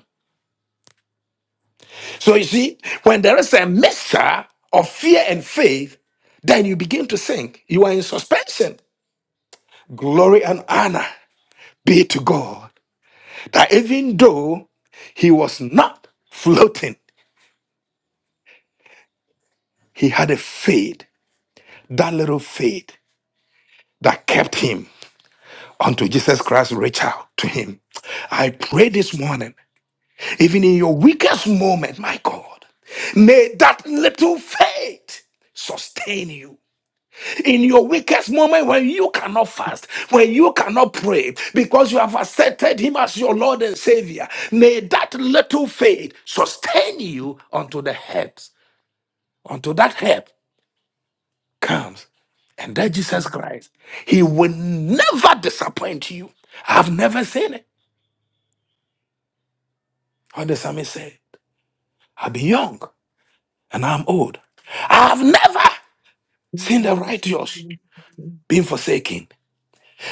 So you see, when there is a mixture of fear and faith, then you begin to sink. You are in suspension. Glory and honor be to God that even though he was not floating, he had a faith, that little faith that kept him unto Jesus Christ reached out to him. I pray this morning Even in your weakest moment, my God, may that little faith sustain you. In your weakest moment, when you cannot fast, when you cannot pray, because you have accepted Him as your Lord and Savior, may that little faith sustain you unto the help, unto that help comes. And that yes, Jesus Lord. Christ, He will never disappoint you. I've never seen it. What the psalmist said, I've been young and I'm old. I've never. In seeing the the righteous righteous name of Jesus. being forsaken,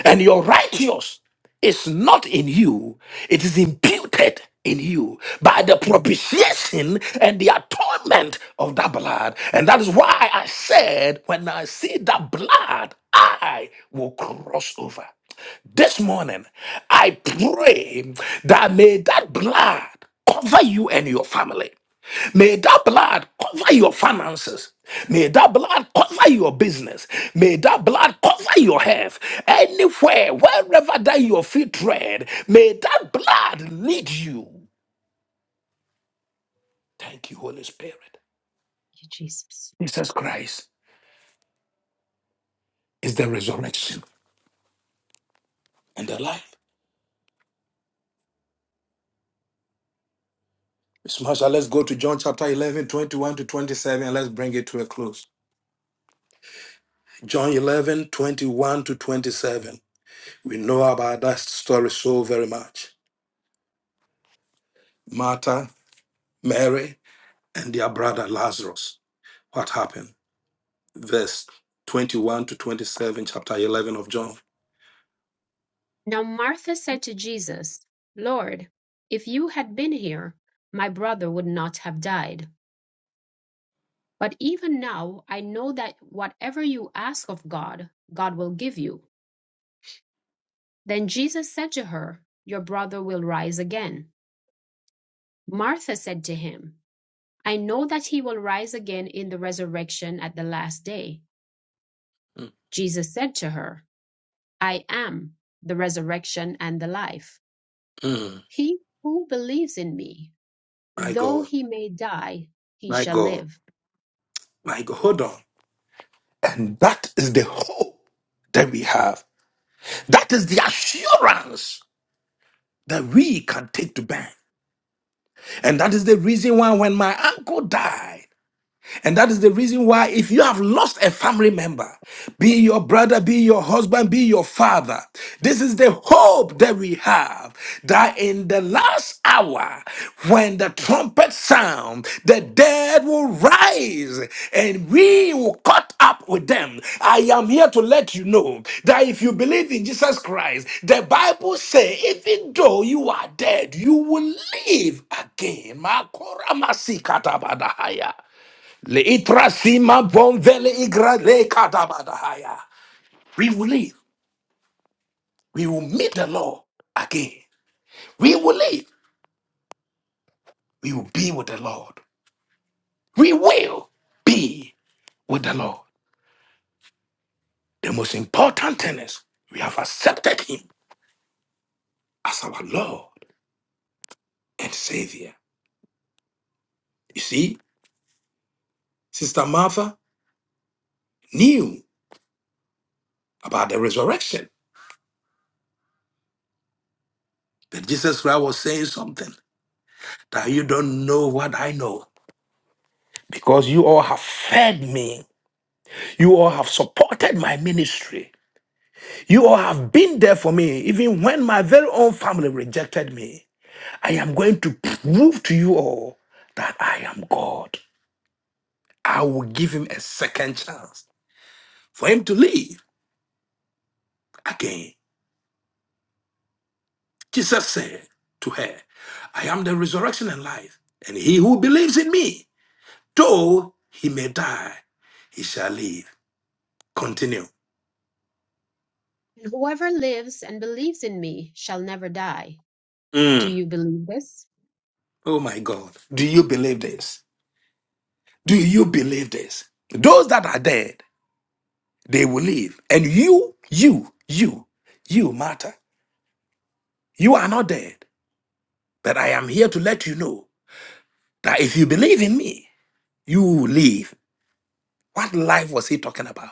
and your righteous is not in you, it is imputed in you by the Thank propitiation and the atonement of that blood. And that is why I said, when I see that blood, I will cross over. This morning, I pray that may that blood cover you and your family. May that blood cover your finances. May that blood cover your business. May that blood cover your health. Anywhere, wherever that your feet tread, may that blood lead you. Thank you, Holy Spirit. you, Jesus. Jesus Christ is the resurrection and the life. Miss Marsha, let's go to John chapter 11, 21 to 27, and let's bring it to a close. John 11, we know about that story so very much. Martha, Mary, and their brother Lazarus. What happened? verse 21 to 27, chapter 11 of John. Now Martha said to Jesus, Lord, if you had been here, my brother would not have died. But even now I know that whatever you ask of God, God will give you. Then Jesus said to her, Your brother will rise again. Martha said to him, I know that he will rise again in the resurrection at the last day. Jesus said to her, I am the resurrection and the life. Mm. He who believes in me, My Though God, he may die, he my shall God, live. my God. Hold on. And that is the hope that we have. That is the assurance that we can take to bank. And that is the reason why when my uncle died, And that is the reason why, if you have lost a family member, be it your brother, be it your husband, be it your father, this is the hope that we have that in the last hour, when the trumpet sound, the dead will rise and we will cut up with them. I am here to let you know that if you believe in Jesus Christ, the Bible says, even though you are dead, you will live again. Makoramasi katabadahaya. Le itrasima bonvele igra le kadabadahaya. We will live. We will meet the And Lord again. We will live. We will be with the Lord. We will be with the Lord. The most important thing is we have accepted Him as our Lord and Savior. You see, Sister Martha knew about the resurrection, but Jesus Christ was saying something that you don't know what I know because you all have fed me, you all have supported my ministry. You all have been there for me, even when my very own family rejected me. I am going to prove to you all that I am God. I will give him a second chance for him to live again. Jesus said to her, I am the resurrection and life, and he who believes in me, though he may die, he shall live. Continue. whoever lives and believes in me shall never die. Do Mm. you believe this? Oh my God. Do you believe this? Do you believe this? Those that are there. they will live. And you, you, you, you matter. You are not dead. But I am here to let you know that if you believe in me, you will live. What life was he talking about?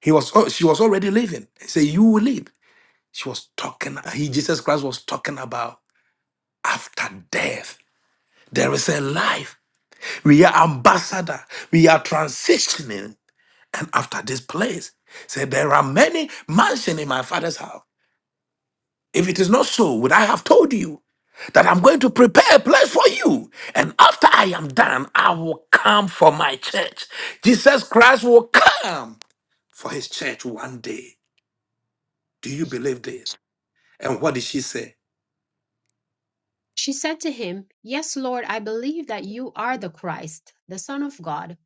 He was oh, she was already living. He said, You will live. She was talking, he Jesus Christ was talking about after death. There is a life. We are ambassador. We are transitioning. And after this place, said there are many mansions in my father's house. If it is not so, would I have told you that I'm going to prepare a place for you? And after I am done, I will come for my church. Jesus Christ will come for his church one day. Do you believe this? And what did she say? She said to him, Yes, Lord, I believe that you are the Christ, the Son of God,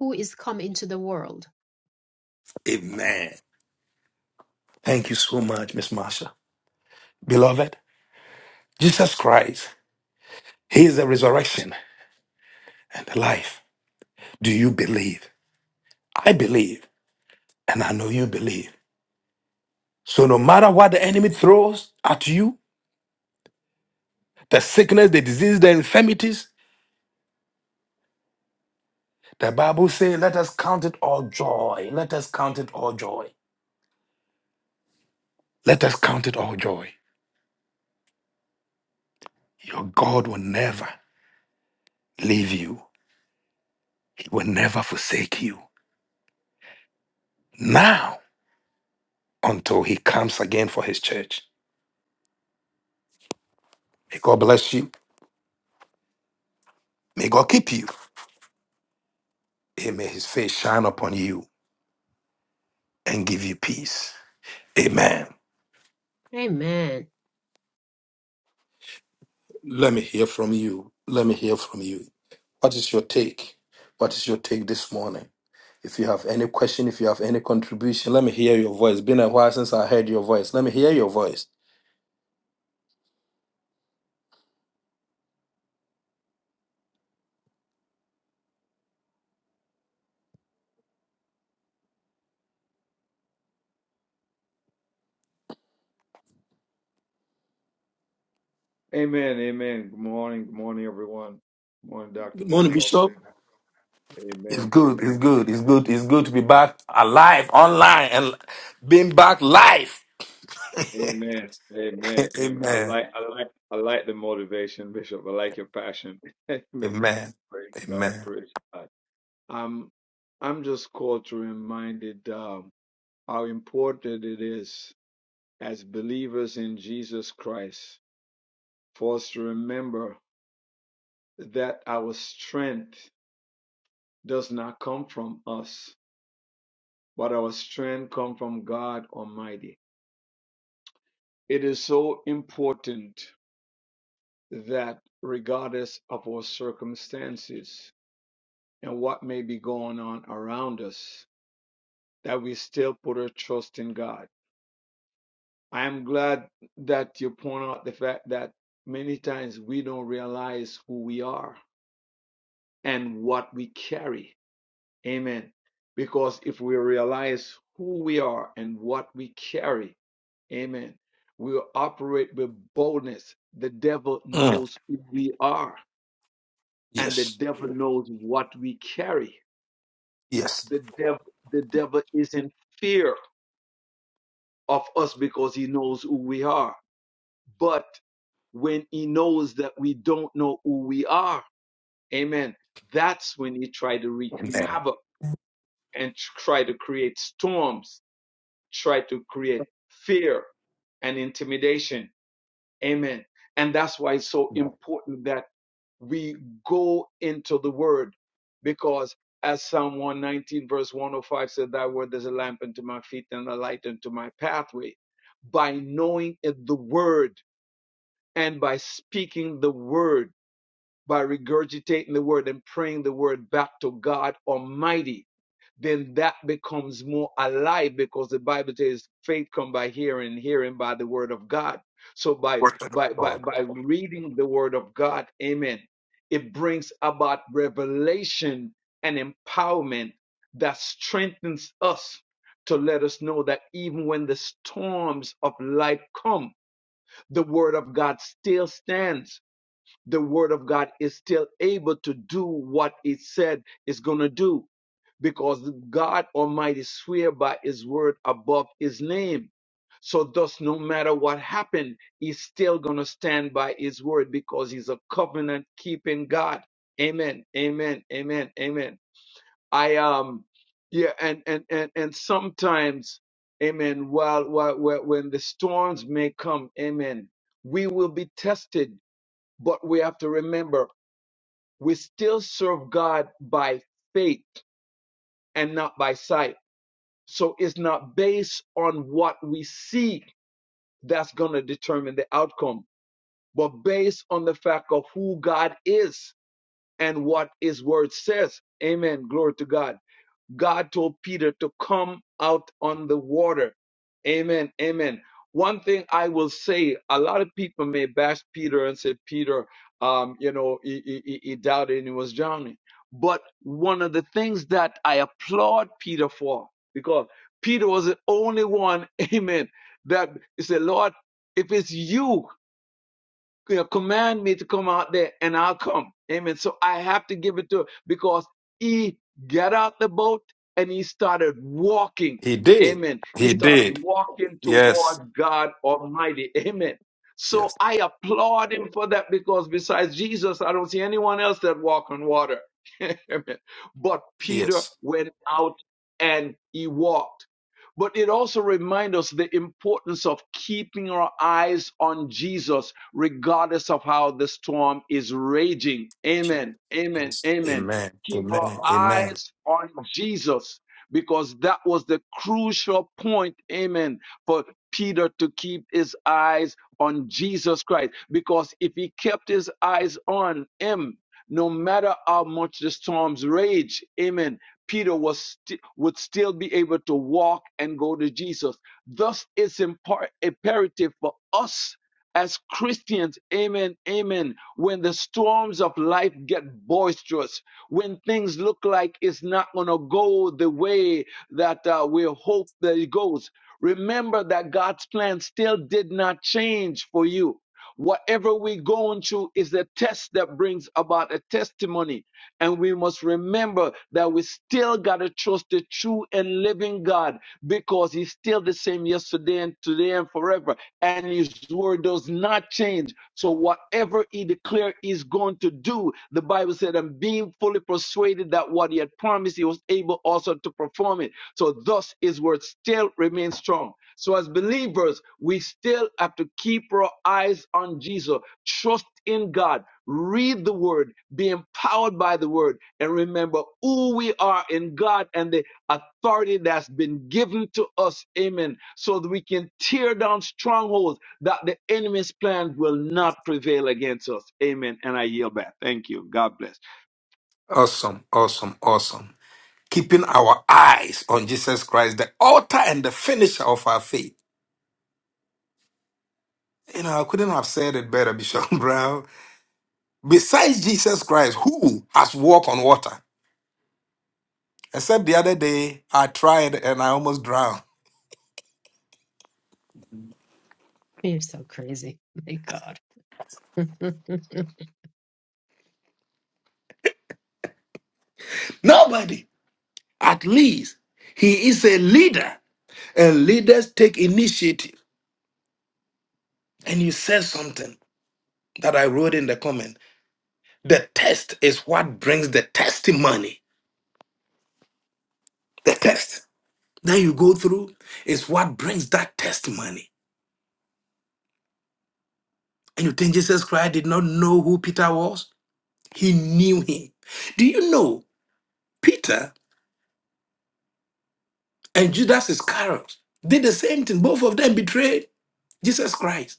who is come into the world. Amen. Thank you so much, Miss Marsha. Beloved, Jesus Christ, he is the resurrection and the life. Do you believe? I believe, and I know you believe. So no matter what the enemy throws at you, the sickness, the disease, the infirmities. The Bible says, let us count it all joy. Let us count it all joy. Let us count it all joy. Your God will never leave you, He will never forsake you. Now, until He comes again for His church. May God bless you. May God keep you. And may His face shine upon you and give you peace. Amen. Amen. Let me hear from you. Let me hear from you. What is your take? What is your take this morning? If you have any question, if you have any contribution, let me hear your voice. Been a while since I heard your voice. Let me hear your voice. to Good Ben, morning, welcome. Bishop. It's Amen. good. It's Amen. good. It's good. It's good to be back alive online and being back live. Amen. Amen. Amen. I Amen. like I like I like the motivation, Bishop. I like your passion. Amen. Amen. Praise God. Amen. Praise God. Um I'm just called to reminded um how important it is as believers in Jesus Christ for us to remember that our strength does not come from us, but our strength comes from God Almighty. It is so important that regardless of our circumstances and what may be going on around us, that we still put our trust in God. I am glad that you point out the fact that many times we don't realize who we are and what we carry. Amen. Because if we realize who we are and what we carry, amen, we will operate with boldness. The devil Mm. knows who we are and the Yes. devil knows what we carry. Yes. The devil, the devil is in fear of us because he knows who we are. But when he knows that we don't know who we are, amen, that's when he try to wreak havoc and try to create storms, try to create fear and intimidation Amen. And that's why it's so important that we go into the word because as Psalm 119 verse 105 said, that word is a lamp unto my feet and a light unto my pathway. By knowing it- the word and by speaking the word, by regurgitating the word and praying the word back to God Almighty, then that becomes more alive because the Bible says faith come by hearing, hearing by the word of God. So by Word of by by God. by reading the word of God, amen, it brings about revelation and empowerment that strengthens us to let us know that even when the storms of life come, the word of God still stands the word of God is still able to do what it said it's going to do because God Almighty swear by his word above his name. So thus, no matter what happened, he's still going to stand by his word because he's a covenant keeping God. Amen. Amen. Amen. Amen. I, um, yeah, and, and, and, and sometimes, amen, while, while, while when the storms may come, amen, we will be tested but we have to remember we still serve God by faith and not by sight. So it's not based on what we see that's going to determine the outcome, but based on the fact of who God is and what his word says. Amen. Glory to God. God told Peter to come out on the water. Amen. Amen. One thing I will say, a lot of people may bash Peter and say, Peter, um, you know, he, he, he he doubted and he was drowning. But one of the things that I applaud Peter for, because Peter was the only one, amen, that he said, Lord, if it's you, you know, command me to come out there and I'll come. Amen. So I have to give it to him because he got out the boat and he started walking. He did. Amen. He He started did. walking Yes. toward God Almighty. Amen. So Yes. I applaud him for that because besides Jesus, I don't see anyone else that walk on water. Amen. But Peter Yes. went out and he walked. But it also reminds us the importance of keeping our eyes on Jesus, regardless of how the storm is raging. Amen. Amen. Yes. Amen. Amen. Keep our Amen. Amen. eyes on Jesus because that was the crucial point. Amen. For Peter to keep his eyes on Jesus Christ because if he kept his eyes on him, no matter how much the storms rage, amen, Peter was sti- would still be able to walk and go to Jesus. Thus, it's impar- imperative for us as Christians, amen, amen, when the storms of life get boisterous, when things look like it's not going to go the way that uh, we hope that it goes, remember that God's plan still did not change for you. Whatever we're going through is a test that brings about a testimony and we must remember that we still got to trust the true and living God because He's still the same yesterday and today and forever. And His word does not change. So, whatever He declared He's going to do, the Bible said, and being fully persuaded that what He had promised, He was able also to perform it. So, thus His word still remains strong. So, as believers, we still have to keep our eyes on Jesus, trust in God, read the word, be empowered by the word and remember who we are in God and the authority that's been given to us. Amen. So that we can tear down strongholds that the enemy's plan will not prevail against us. Amen. And I yield back. Thank you. God bless. Awesome. Awesome. Awesome. keeping our eyes on Jesus Christ, the author and the finisher of our faith. You know, I couldn't have said it better, Bishop Brown. Besides Jesus Christ, who has walked on water? Except the other day, I tried and I almost drowned. You're so crazy. My God. Nobody. At least he is a leader, and leaders take initiative. And you said something that I wrote in the comment. The test is what brings the testimony. The test that you go through is what brings that testimony And you think Jesus Christ did not know who Peter was? He knew him. Do you know Peter and Judas Iscariot did the same thing? Both of them betrayed Jesus Christ.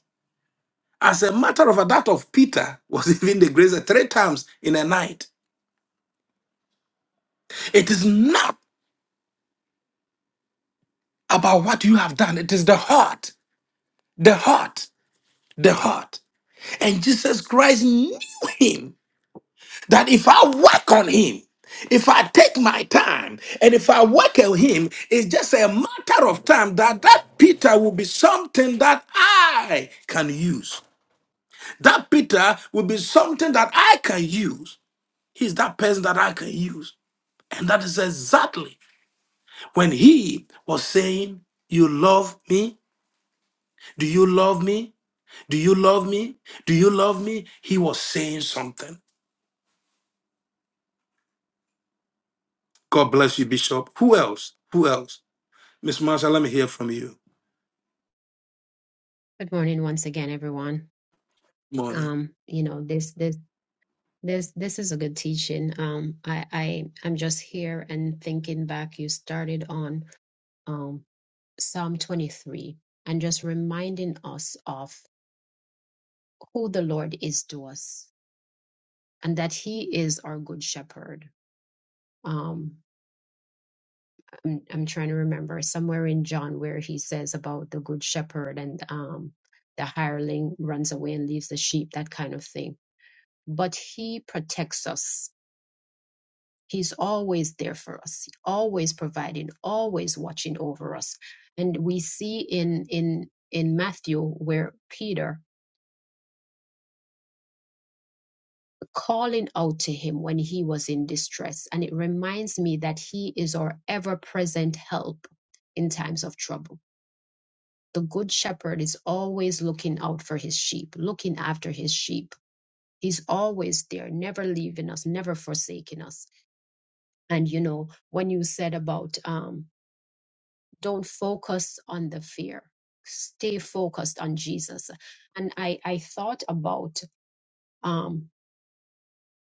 As a matter of fact, that of Peter was even the greatest three times in a night. It is not about what you have done, it is the heart, the heart, the heart. And Jesus Christ knew him That if I work on him, if I take my time, and if I work on him, it's just a matter of time that that Peter will be something that I can use. That Peter will be something that I can use. He's that person that I can use. And that is exactly when he was saying, You love me? Do you love me? Do you love me? Do you love me? He was saying something. God bless you, Bishop. Who else? Who else? Miss Marsha, let me hear from you. Good morning once again, everyone. Morning. Um, you know, this this this this is a good teaching. Um, I, I I'm just here and thinking back. You started on um Psalm 23 and just reminding us of who the Lord is to us and that He is our good shepherd. Um, I'm, I'm trying to remember somewhere in John where he says about the good shepherd and um, the hireling runs away and leaves the sheep, that kind of thing. But He protects us. He's always there for us, always providing, always watching over us. And we see in in in Matthew where Peter calling out to him when he was in distress. And it reminds me that he is our ever present help in times of trouble. The good shepherd is always looking out for his sheep, looking after his sheep. He's always there, never leaving us, never forsaking us. And you know, when you said about um, don't focus on the fear, stay focused on Jesus. And I, I thought about um,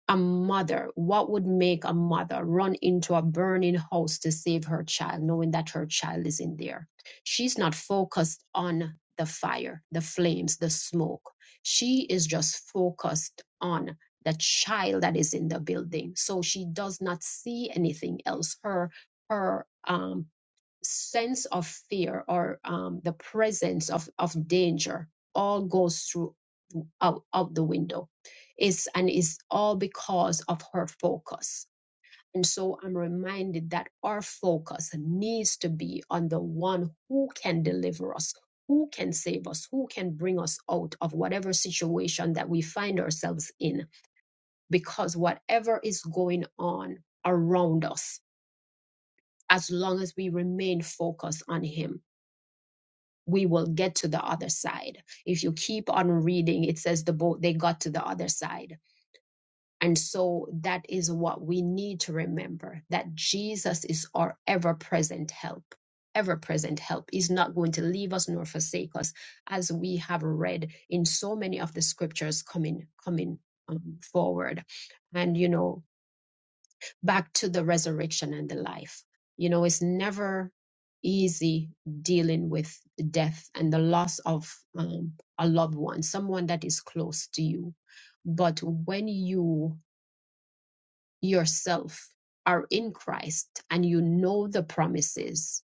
a mother, what would make a mother run into a burning house to save her child, knowing that her child is in there? She's not focused on the fire, the flames, the smoke. She is just focused on the child that is in the building. So she does not see anything else. Her her um, sense of fear or um, the presence of, of danger all goes through out, out the window is and is all because of her focus and so i'm reminded that our focus needs to be on the one who can deliver us who can save us who can bring us out of whatever situation that we find ourselves in because whatever is going on around us as long as we remain focused on him we will get to the other side. If you keep on reading, it says the boat, they got to the other side. And so that is what we need to remember that Jesus is our ever present help. Ever present help is not going to leave us nor forsake us, as we have read in so many of the scriptures coming, coming um, forward. And, you know, back to the resurrection and the life. You know, it's never easy dealing with death and the loss of um, a loved one, someone that is close to you. But when you yourself are in Christ and you know the promises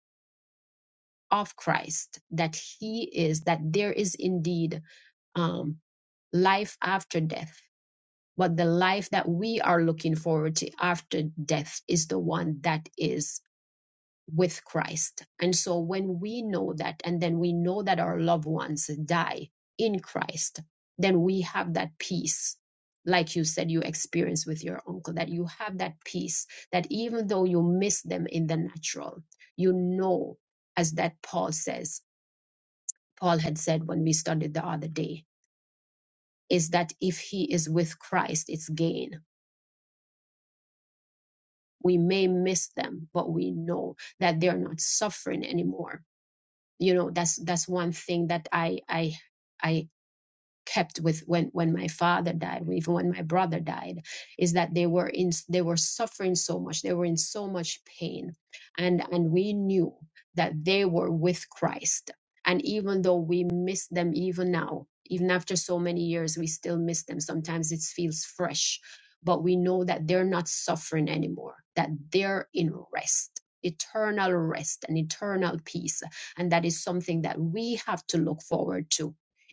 of Christ that He is, that there is indeed um, life after death. But the life that we are looking forward to after death is the one that is with Christ. And so when we know that, and then we know that our loved ones die in Christ, then we have that peace. Like you said, you experienced with your uncle, that you have that peace, that even though you miss them in the natural, you know, as that Paul says, Paul had said when we studied the other day, is that if he is with Christ, it's gain. We may miss them, but we know that they're not suffering anymore you know that's that's one thing that i i i kept with when when my father died even when my brother died is that they were in they were suffering so much they were in so much pain and and we knew that they were with christ and even though we miss them even now even after so many years we still miss them sometimes it feels fresh but we know that they're not suffering anymore that they're in rest eternal rest and eternal peace and that is something that we have to look forward to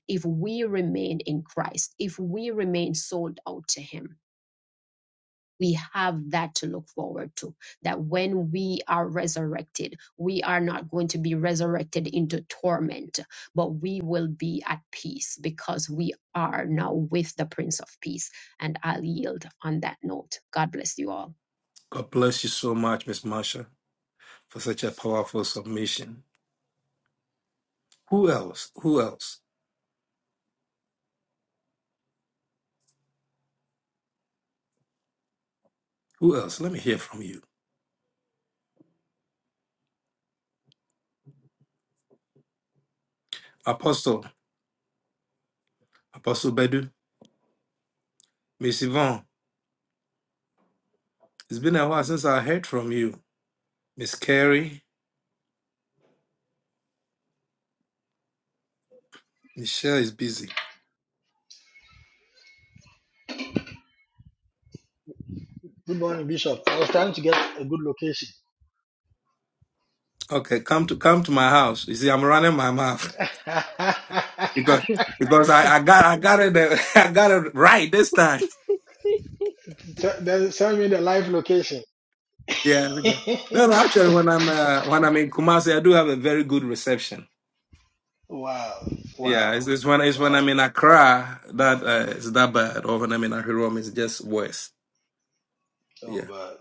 if we remain in Christ, if we remain sold out to Him, we have that to look forward to. That when we are resurrected, we are not going to be resurrected into torment, but we will be at peace because we are now with the Prince of Peace. And I'll yield on that note. God bless you all. God bless you so much, Miss Marsha, for such a powerful submission. Who else? Who else? Who else? Let me hear from you. Apostle, Apostle Bedu, Miss Yvonne. It's been a while since I heard from you. Miss Carey, Michelle is busy. Good morning, Bishop. I was trying to get a good location. Okay, come to come to my house. You see, I'm running my mouth because because I, I got I got it uh, I got it right this time. Tell- then Send me the live location. Yeah, because- no, no. Actually, when I'm uh, when I'm in Kumasi, I do have a very good reception. wow, Yeah, wow, it's, it's when it's when wow. I'm in Accra that uh, it's that bad, or when I'm in Ahirom, it's just worse. Oh, Yeah. God.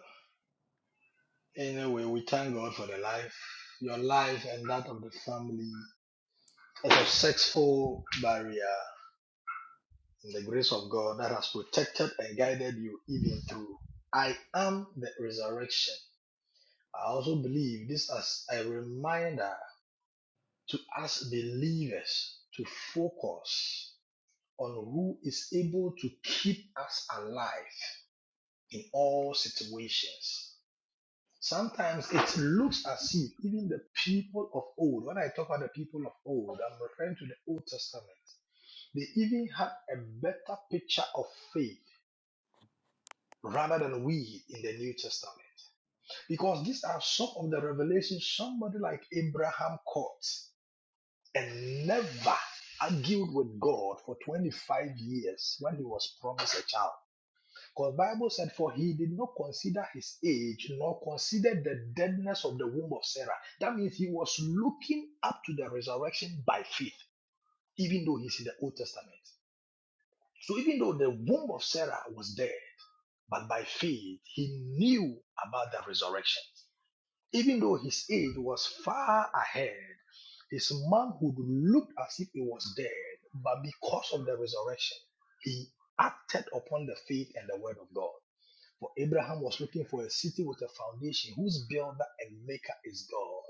Anyway, we thank God for the life, your life, and that of the family. A successful barrier in the grace of God that has protected and guided you even through. I am the resurrection. I also believe this as a reminder to us believers to focus on who is able to keep us alive in all situations. Sometimes it looks as if even the people of old, when I talk about the people of old, I'm referring to the Old Testament, they even had a better picture of faith rather than we in the New Testament. Because these are some of the revelations somebody like Abraham caught and never argued with God for 25 years when he was promised a child. Because Bible said, for he did not consider his age, nor considered the deadness of the womb of Sarah. That means he was looking up to the resurrection by faith, even though he's in the Old Testament. So even though the womb of Sarah was there, but by faith he knew about the resurrection. Even though his age was far ahead, his manhood looked as if he was dead, but because of the resurrection, he acted upon the faith and the word of God. For Abraham was looking for a city with a foundation whose builder and maker is God.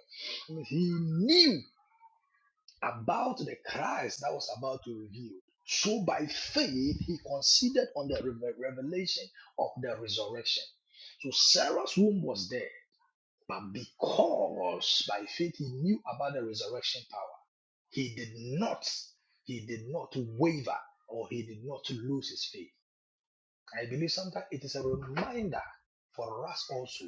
I mean, He knew about the Christ that was about to reveal. So by faith, he considered on the reve- revelation of the resurrection. So Sarah's womb was dead. But because by faith he knew about the resurrection power, he did not, he did not waver or he did not lose his faith. I believe sometimes it is a reminder for us also.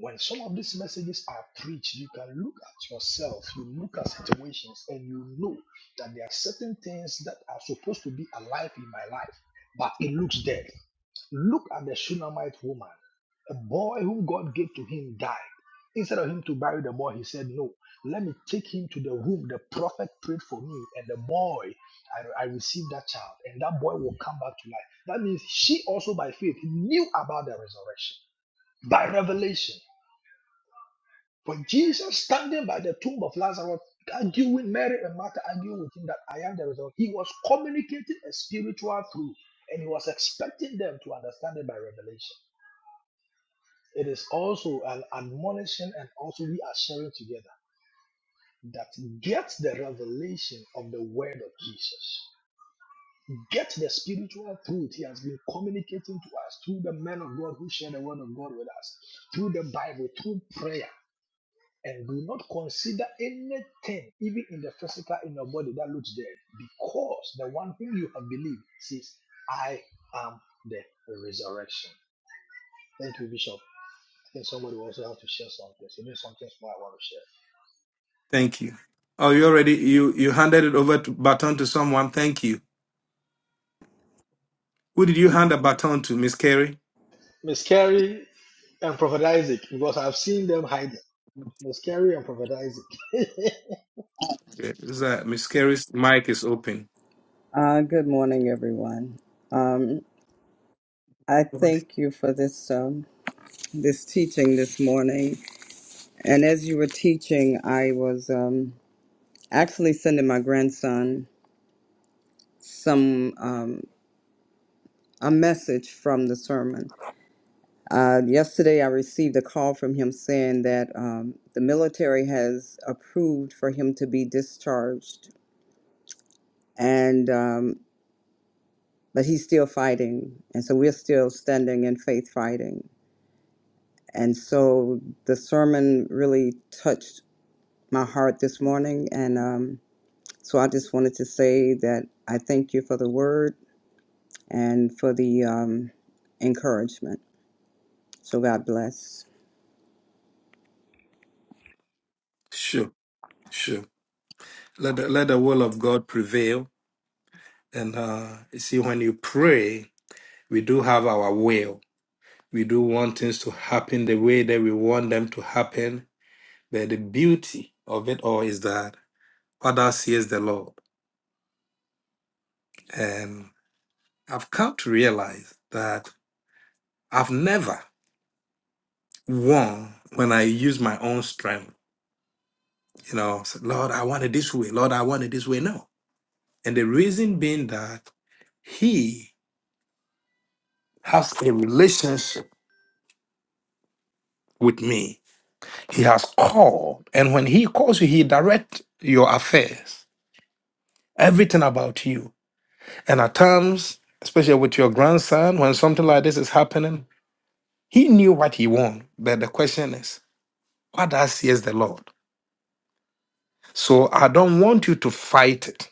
When some of these messages are preached, you can look at yourself, you look at situations, and you know that there are certain things that are supposed to be alive in my life, but it looks dead. Look at the Shunammite woman. A boy whom God gave to him died. Instead of him to bury the boy, he said, No, let me take him to the room The prophet prayed for me, and the boy, I, I received that child, and that boy will come back to life. That means she also, by faith, knew about the resurrection by revelation. But Jesus, standing by the tomb of Lazarus, arguing, Mary and Martha arguing with him that I am the resurrection, he was communicating a spiritual truth, and he was expecting them to understand it by revelation. It is also an admonition, and also we are sharing together that get the revelation of the word of Jesus. Get the spiritual truth he has been communicating to us through the men of God who share the word of God with us, through the Bible, through prayer. And do not consider anything, even in the physical in your body, that looks dead, because the one whom you have believed says, I am the resurrection. Thank you, Bishop. I think somebody will also have to share something. So maybe something small I want to share. Thank you. Oh, you already you you handed it over to baton to someone. Thank you. Who did you hand the baton to, Miss Carey? Miss Carrie and Prophet Isaac, because I've seen them hiding. Miss Carrie and Prophet Isaac. Yeah, is that Miss Carey's mic is open? Uh, good morning, everyone. Um, I thank you for this um, this teaching this morning. And as you were teaching, I was um, actually sending my grandson some um, a message from the sermon. Uh, yesterday, I received a call from him saying that um, the military has approved for him to be discharged, and um, but he's still fighting, and so we're still standing in faith fighting And so the sermon really touched my heart this morning. And um, so I just wanted to say that I thank you for the word and for the um, encouragement. So God bless. Sure, sure. Let the, let the will of God prevail. And uh, you see, when you pray, we do have our will. We do want things to happen the way that we want them to happen. But the beauty of it all is that. what thou seest the Lord. And I've come to realize that I've never won when I use my own strength. You know, say, Lord, I want it this way. Lord, I want it this way. No. And the reason being that he has a relationship with me. He has called. And when he calls you, he directs your affairs, everything about you. And at times, especially with your grandson, when something like this is happening, he knew what he wanted. But the question is, What thus says the Lord. So I don't want you to fight it.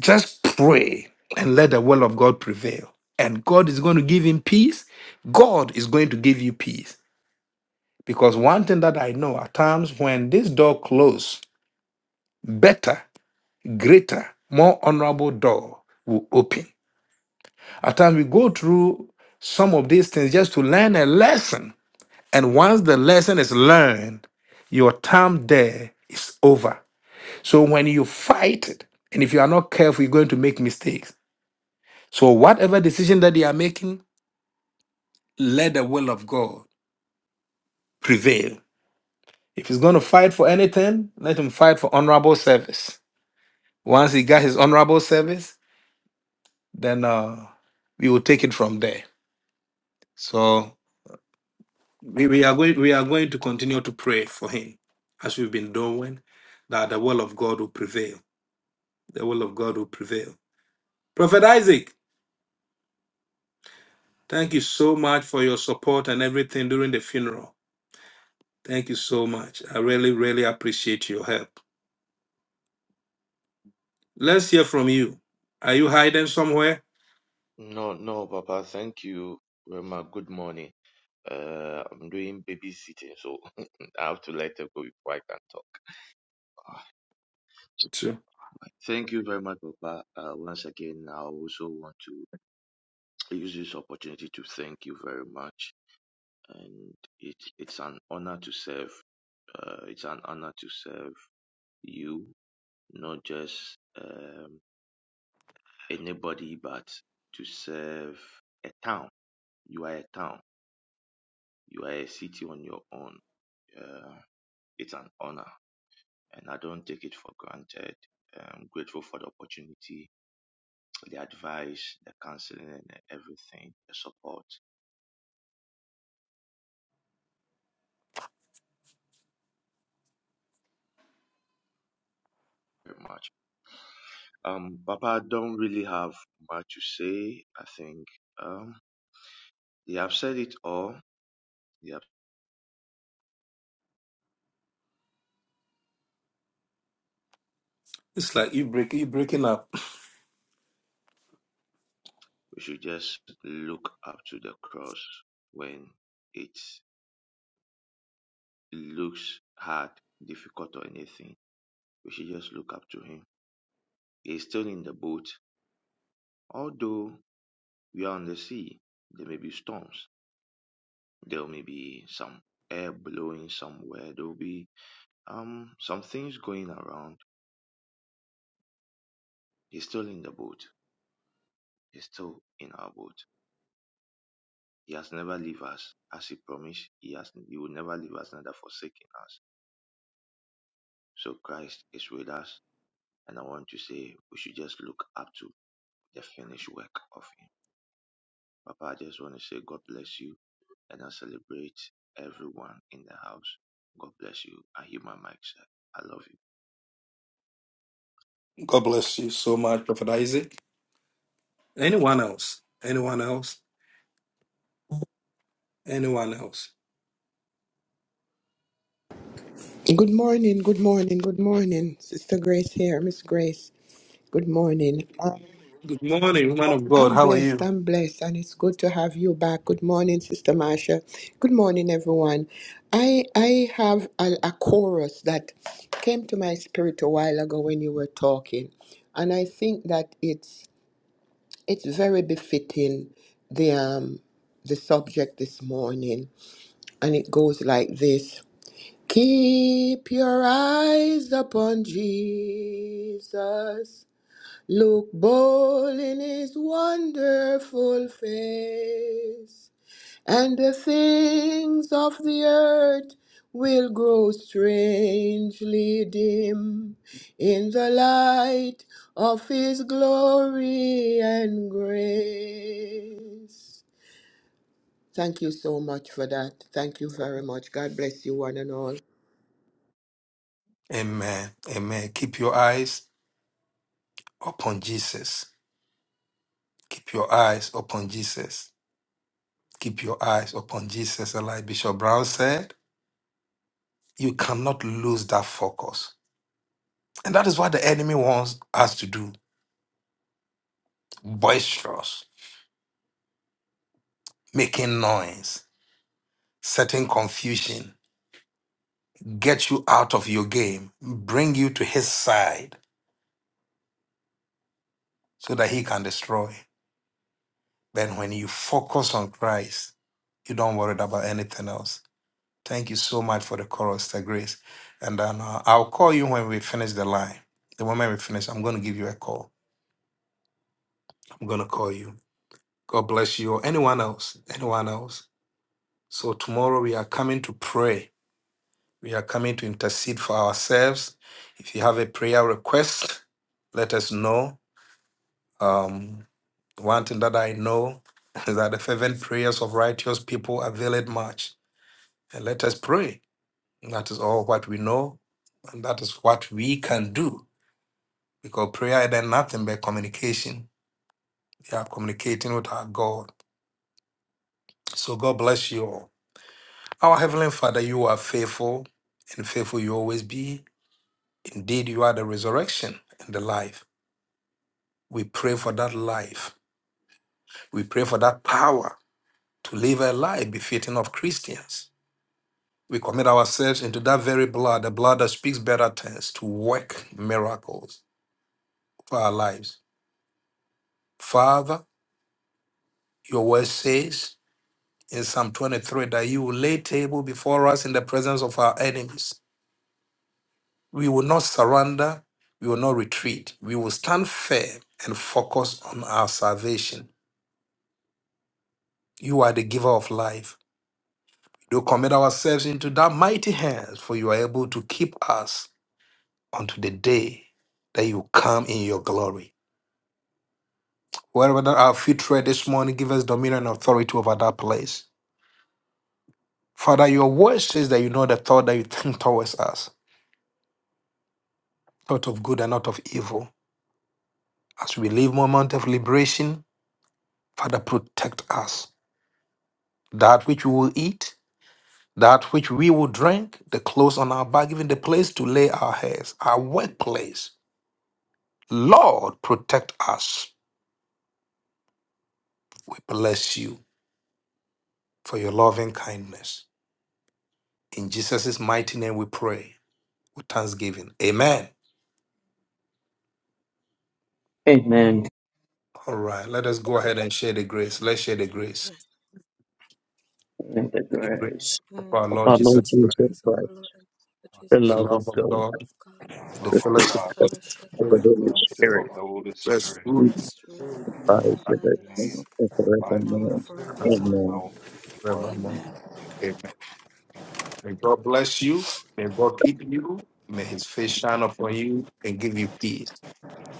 Just pray and let the will of God prevail. And God is going to give him peace. God is going to give you peace. Because one thing that I know at times when this door closes, better, greater, more honorable door will open. At times we go through some of these things just to learn a lesson. And once the lesson is learned, your time there is over. So when you fight it, and if you are not careful, you're going to make mistakes. So whatever decision that they are making, let the will of God prevail. If he's going to fight for anything, let him fight for honorable service. Once he got his honorable service, then uh, we will take it from there. So we, we are going we are going to continue to pray for him as we've been doing, that the will of God will prevail. The will of God will prevail. Prophet Isaac. Thank you so much for your support and everything during the funeral. Thank you so much. I really, really appreciate your help. Let's hear from you. Are you hiding somewhere? No, no, Papa, thank you, Rema. Good morning. Uh, I'm doing babysitting, so I have to let her go before I can talk. Ah, Sure. my- Thank you very much, Papa. Uh, once again, I also want to use this opportunity to thank you very much. And it, it's an honor to serve. Uh, it's an honor to serve you, not just um, anybody, but to serve a town. You are a town. You are a city on your own. Uh, it's an honor, and I don't take it for granted. I'm grateful for the opportunity, the advice, the counseling, and everything, the support. Very much. Um, Papa, I don't really have much to say. I think um, they have said it all. They have It's like you break you breaking up. we should just look up to the cross when it looks hard, difficult, or anything. We should just look up to Him. He's still in the boat. Although we are on the sea, there may be storms. There may be some air blowing somewhere. There will be um some things going around. He's still in the boat. He's still in our boat. He has never leave us. As he promised, he has he will never leave us, neither forsaken us. So Christ is with us. And I want to say we should just look up to the finished work of him. Papa, I just want to say God bless you, and I celebrate everyone in the house. God bless you. I hear my mic, sir. I love you. God bless you so much, Prophet Isaac. Anyone else? Anyone else? Anyone else? Good morning, good morning, good morning. Sister Grace here, Miss Grace. Good morning. Um, Good morning, man of God. I'm How are blessed, you? I'm blessed, and it's good to have you back. Good morning, Sister Marsha. Good morning, everyone. I I have a, a chorus that came to my spirit a while ago when you were talking, and I think that it's it's very befitting the um the subject this morning, and it goes like this. Keep your eyes upon Jesus. Look bold in his wonderful face, and the things of the earth will grow strangely dim in the light of his glory and grace. Thank you so much for that. Thank you very much. God bless you, one and all. Amen. Amen. Keep your eyes upon Jesus. Keep your eyes upon Jesus. Keep your eyes upon Jesus. And like Bishop Brown said. You cannot lose that focus. And that is what the enemy wants us to do boisterous, making noise, setting confusion, get you out of your game, bring you to his side so that he can destroy. Then, when you focus on Christ, you don't worry about anything else. Thank you so much for the chorus, the grace. And then uh, I'll call you when we finish the line. The moment we finish, I'm going to give you a call. I'm going to call you. God bless you. Or anyone else. Anyone else. So tomorrow we are coming to pray. We are coming to intercede for ourselves. If you have a prayer request, let us know. Um, one thing that I know is that the fervent prayers of righteous people avail it much. And let us pray. That is all what we know, and that is what we can do. Because prayer is then nothing but communication. We are communicating with our God. So God bless you all. Our Heavenly Father, you are faithful, and faithful you always be. Indeed, you are the resurrection and the life. We pray for that life. We pray for that power to live a life befitting of Christians. We commit ourselves into that very blood, the blood that speaks better tongues, to work miracles for our lives. Father, your word says in Psalm 23 that you will lay table before us in the presence of our enemies. We will not surrender. We will not retreat. We will stand firm and focus on our salvation. You are the giver of life. Do commit ourselves into that mighty hands, for you are able to keep us unto the day that you come in your glory. Wherever that our feet tread this morning, give us dominion and authority over that place. Father, your word says that you know the thought that you think towards us, thought of good and not of evil. As we live moment of liberation, Father, protect us. That which we will eat, that which we will drink, the clothes on our back, even the place to lay our heads, our workplace. Lord, protect us We bless you for your loving kindness. In Jesus' mighty name we pray with thanksgiving. Amen. Amen. All right, let us go ahead and share the grace. Let's share the grace. In the The grace grace of And our now of may Lord our the Lord Jesus saving Jesus Christ, grace of Christ, our Lord and Savior the Jesus the love of love Christ, the of God, love of God, God, the the spirit the fellowship of the fellowship of of the Spirit, the Holy Holy Spirit, Spirit, rest through be rest, rule, by and with abide us with us now and now and forevermore. us forevermore. Amen. forevermore. Amen. Amen. May God bless you. May God keep you. May his face shine upon you and give you peace.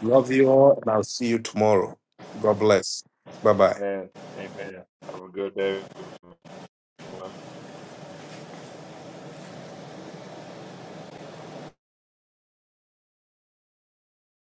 Love you all, and I'll see you tomorrow. God bless. Bye bye.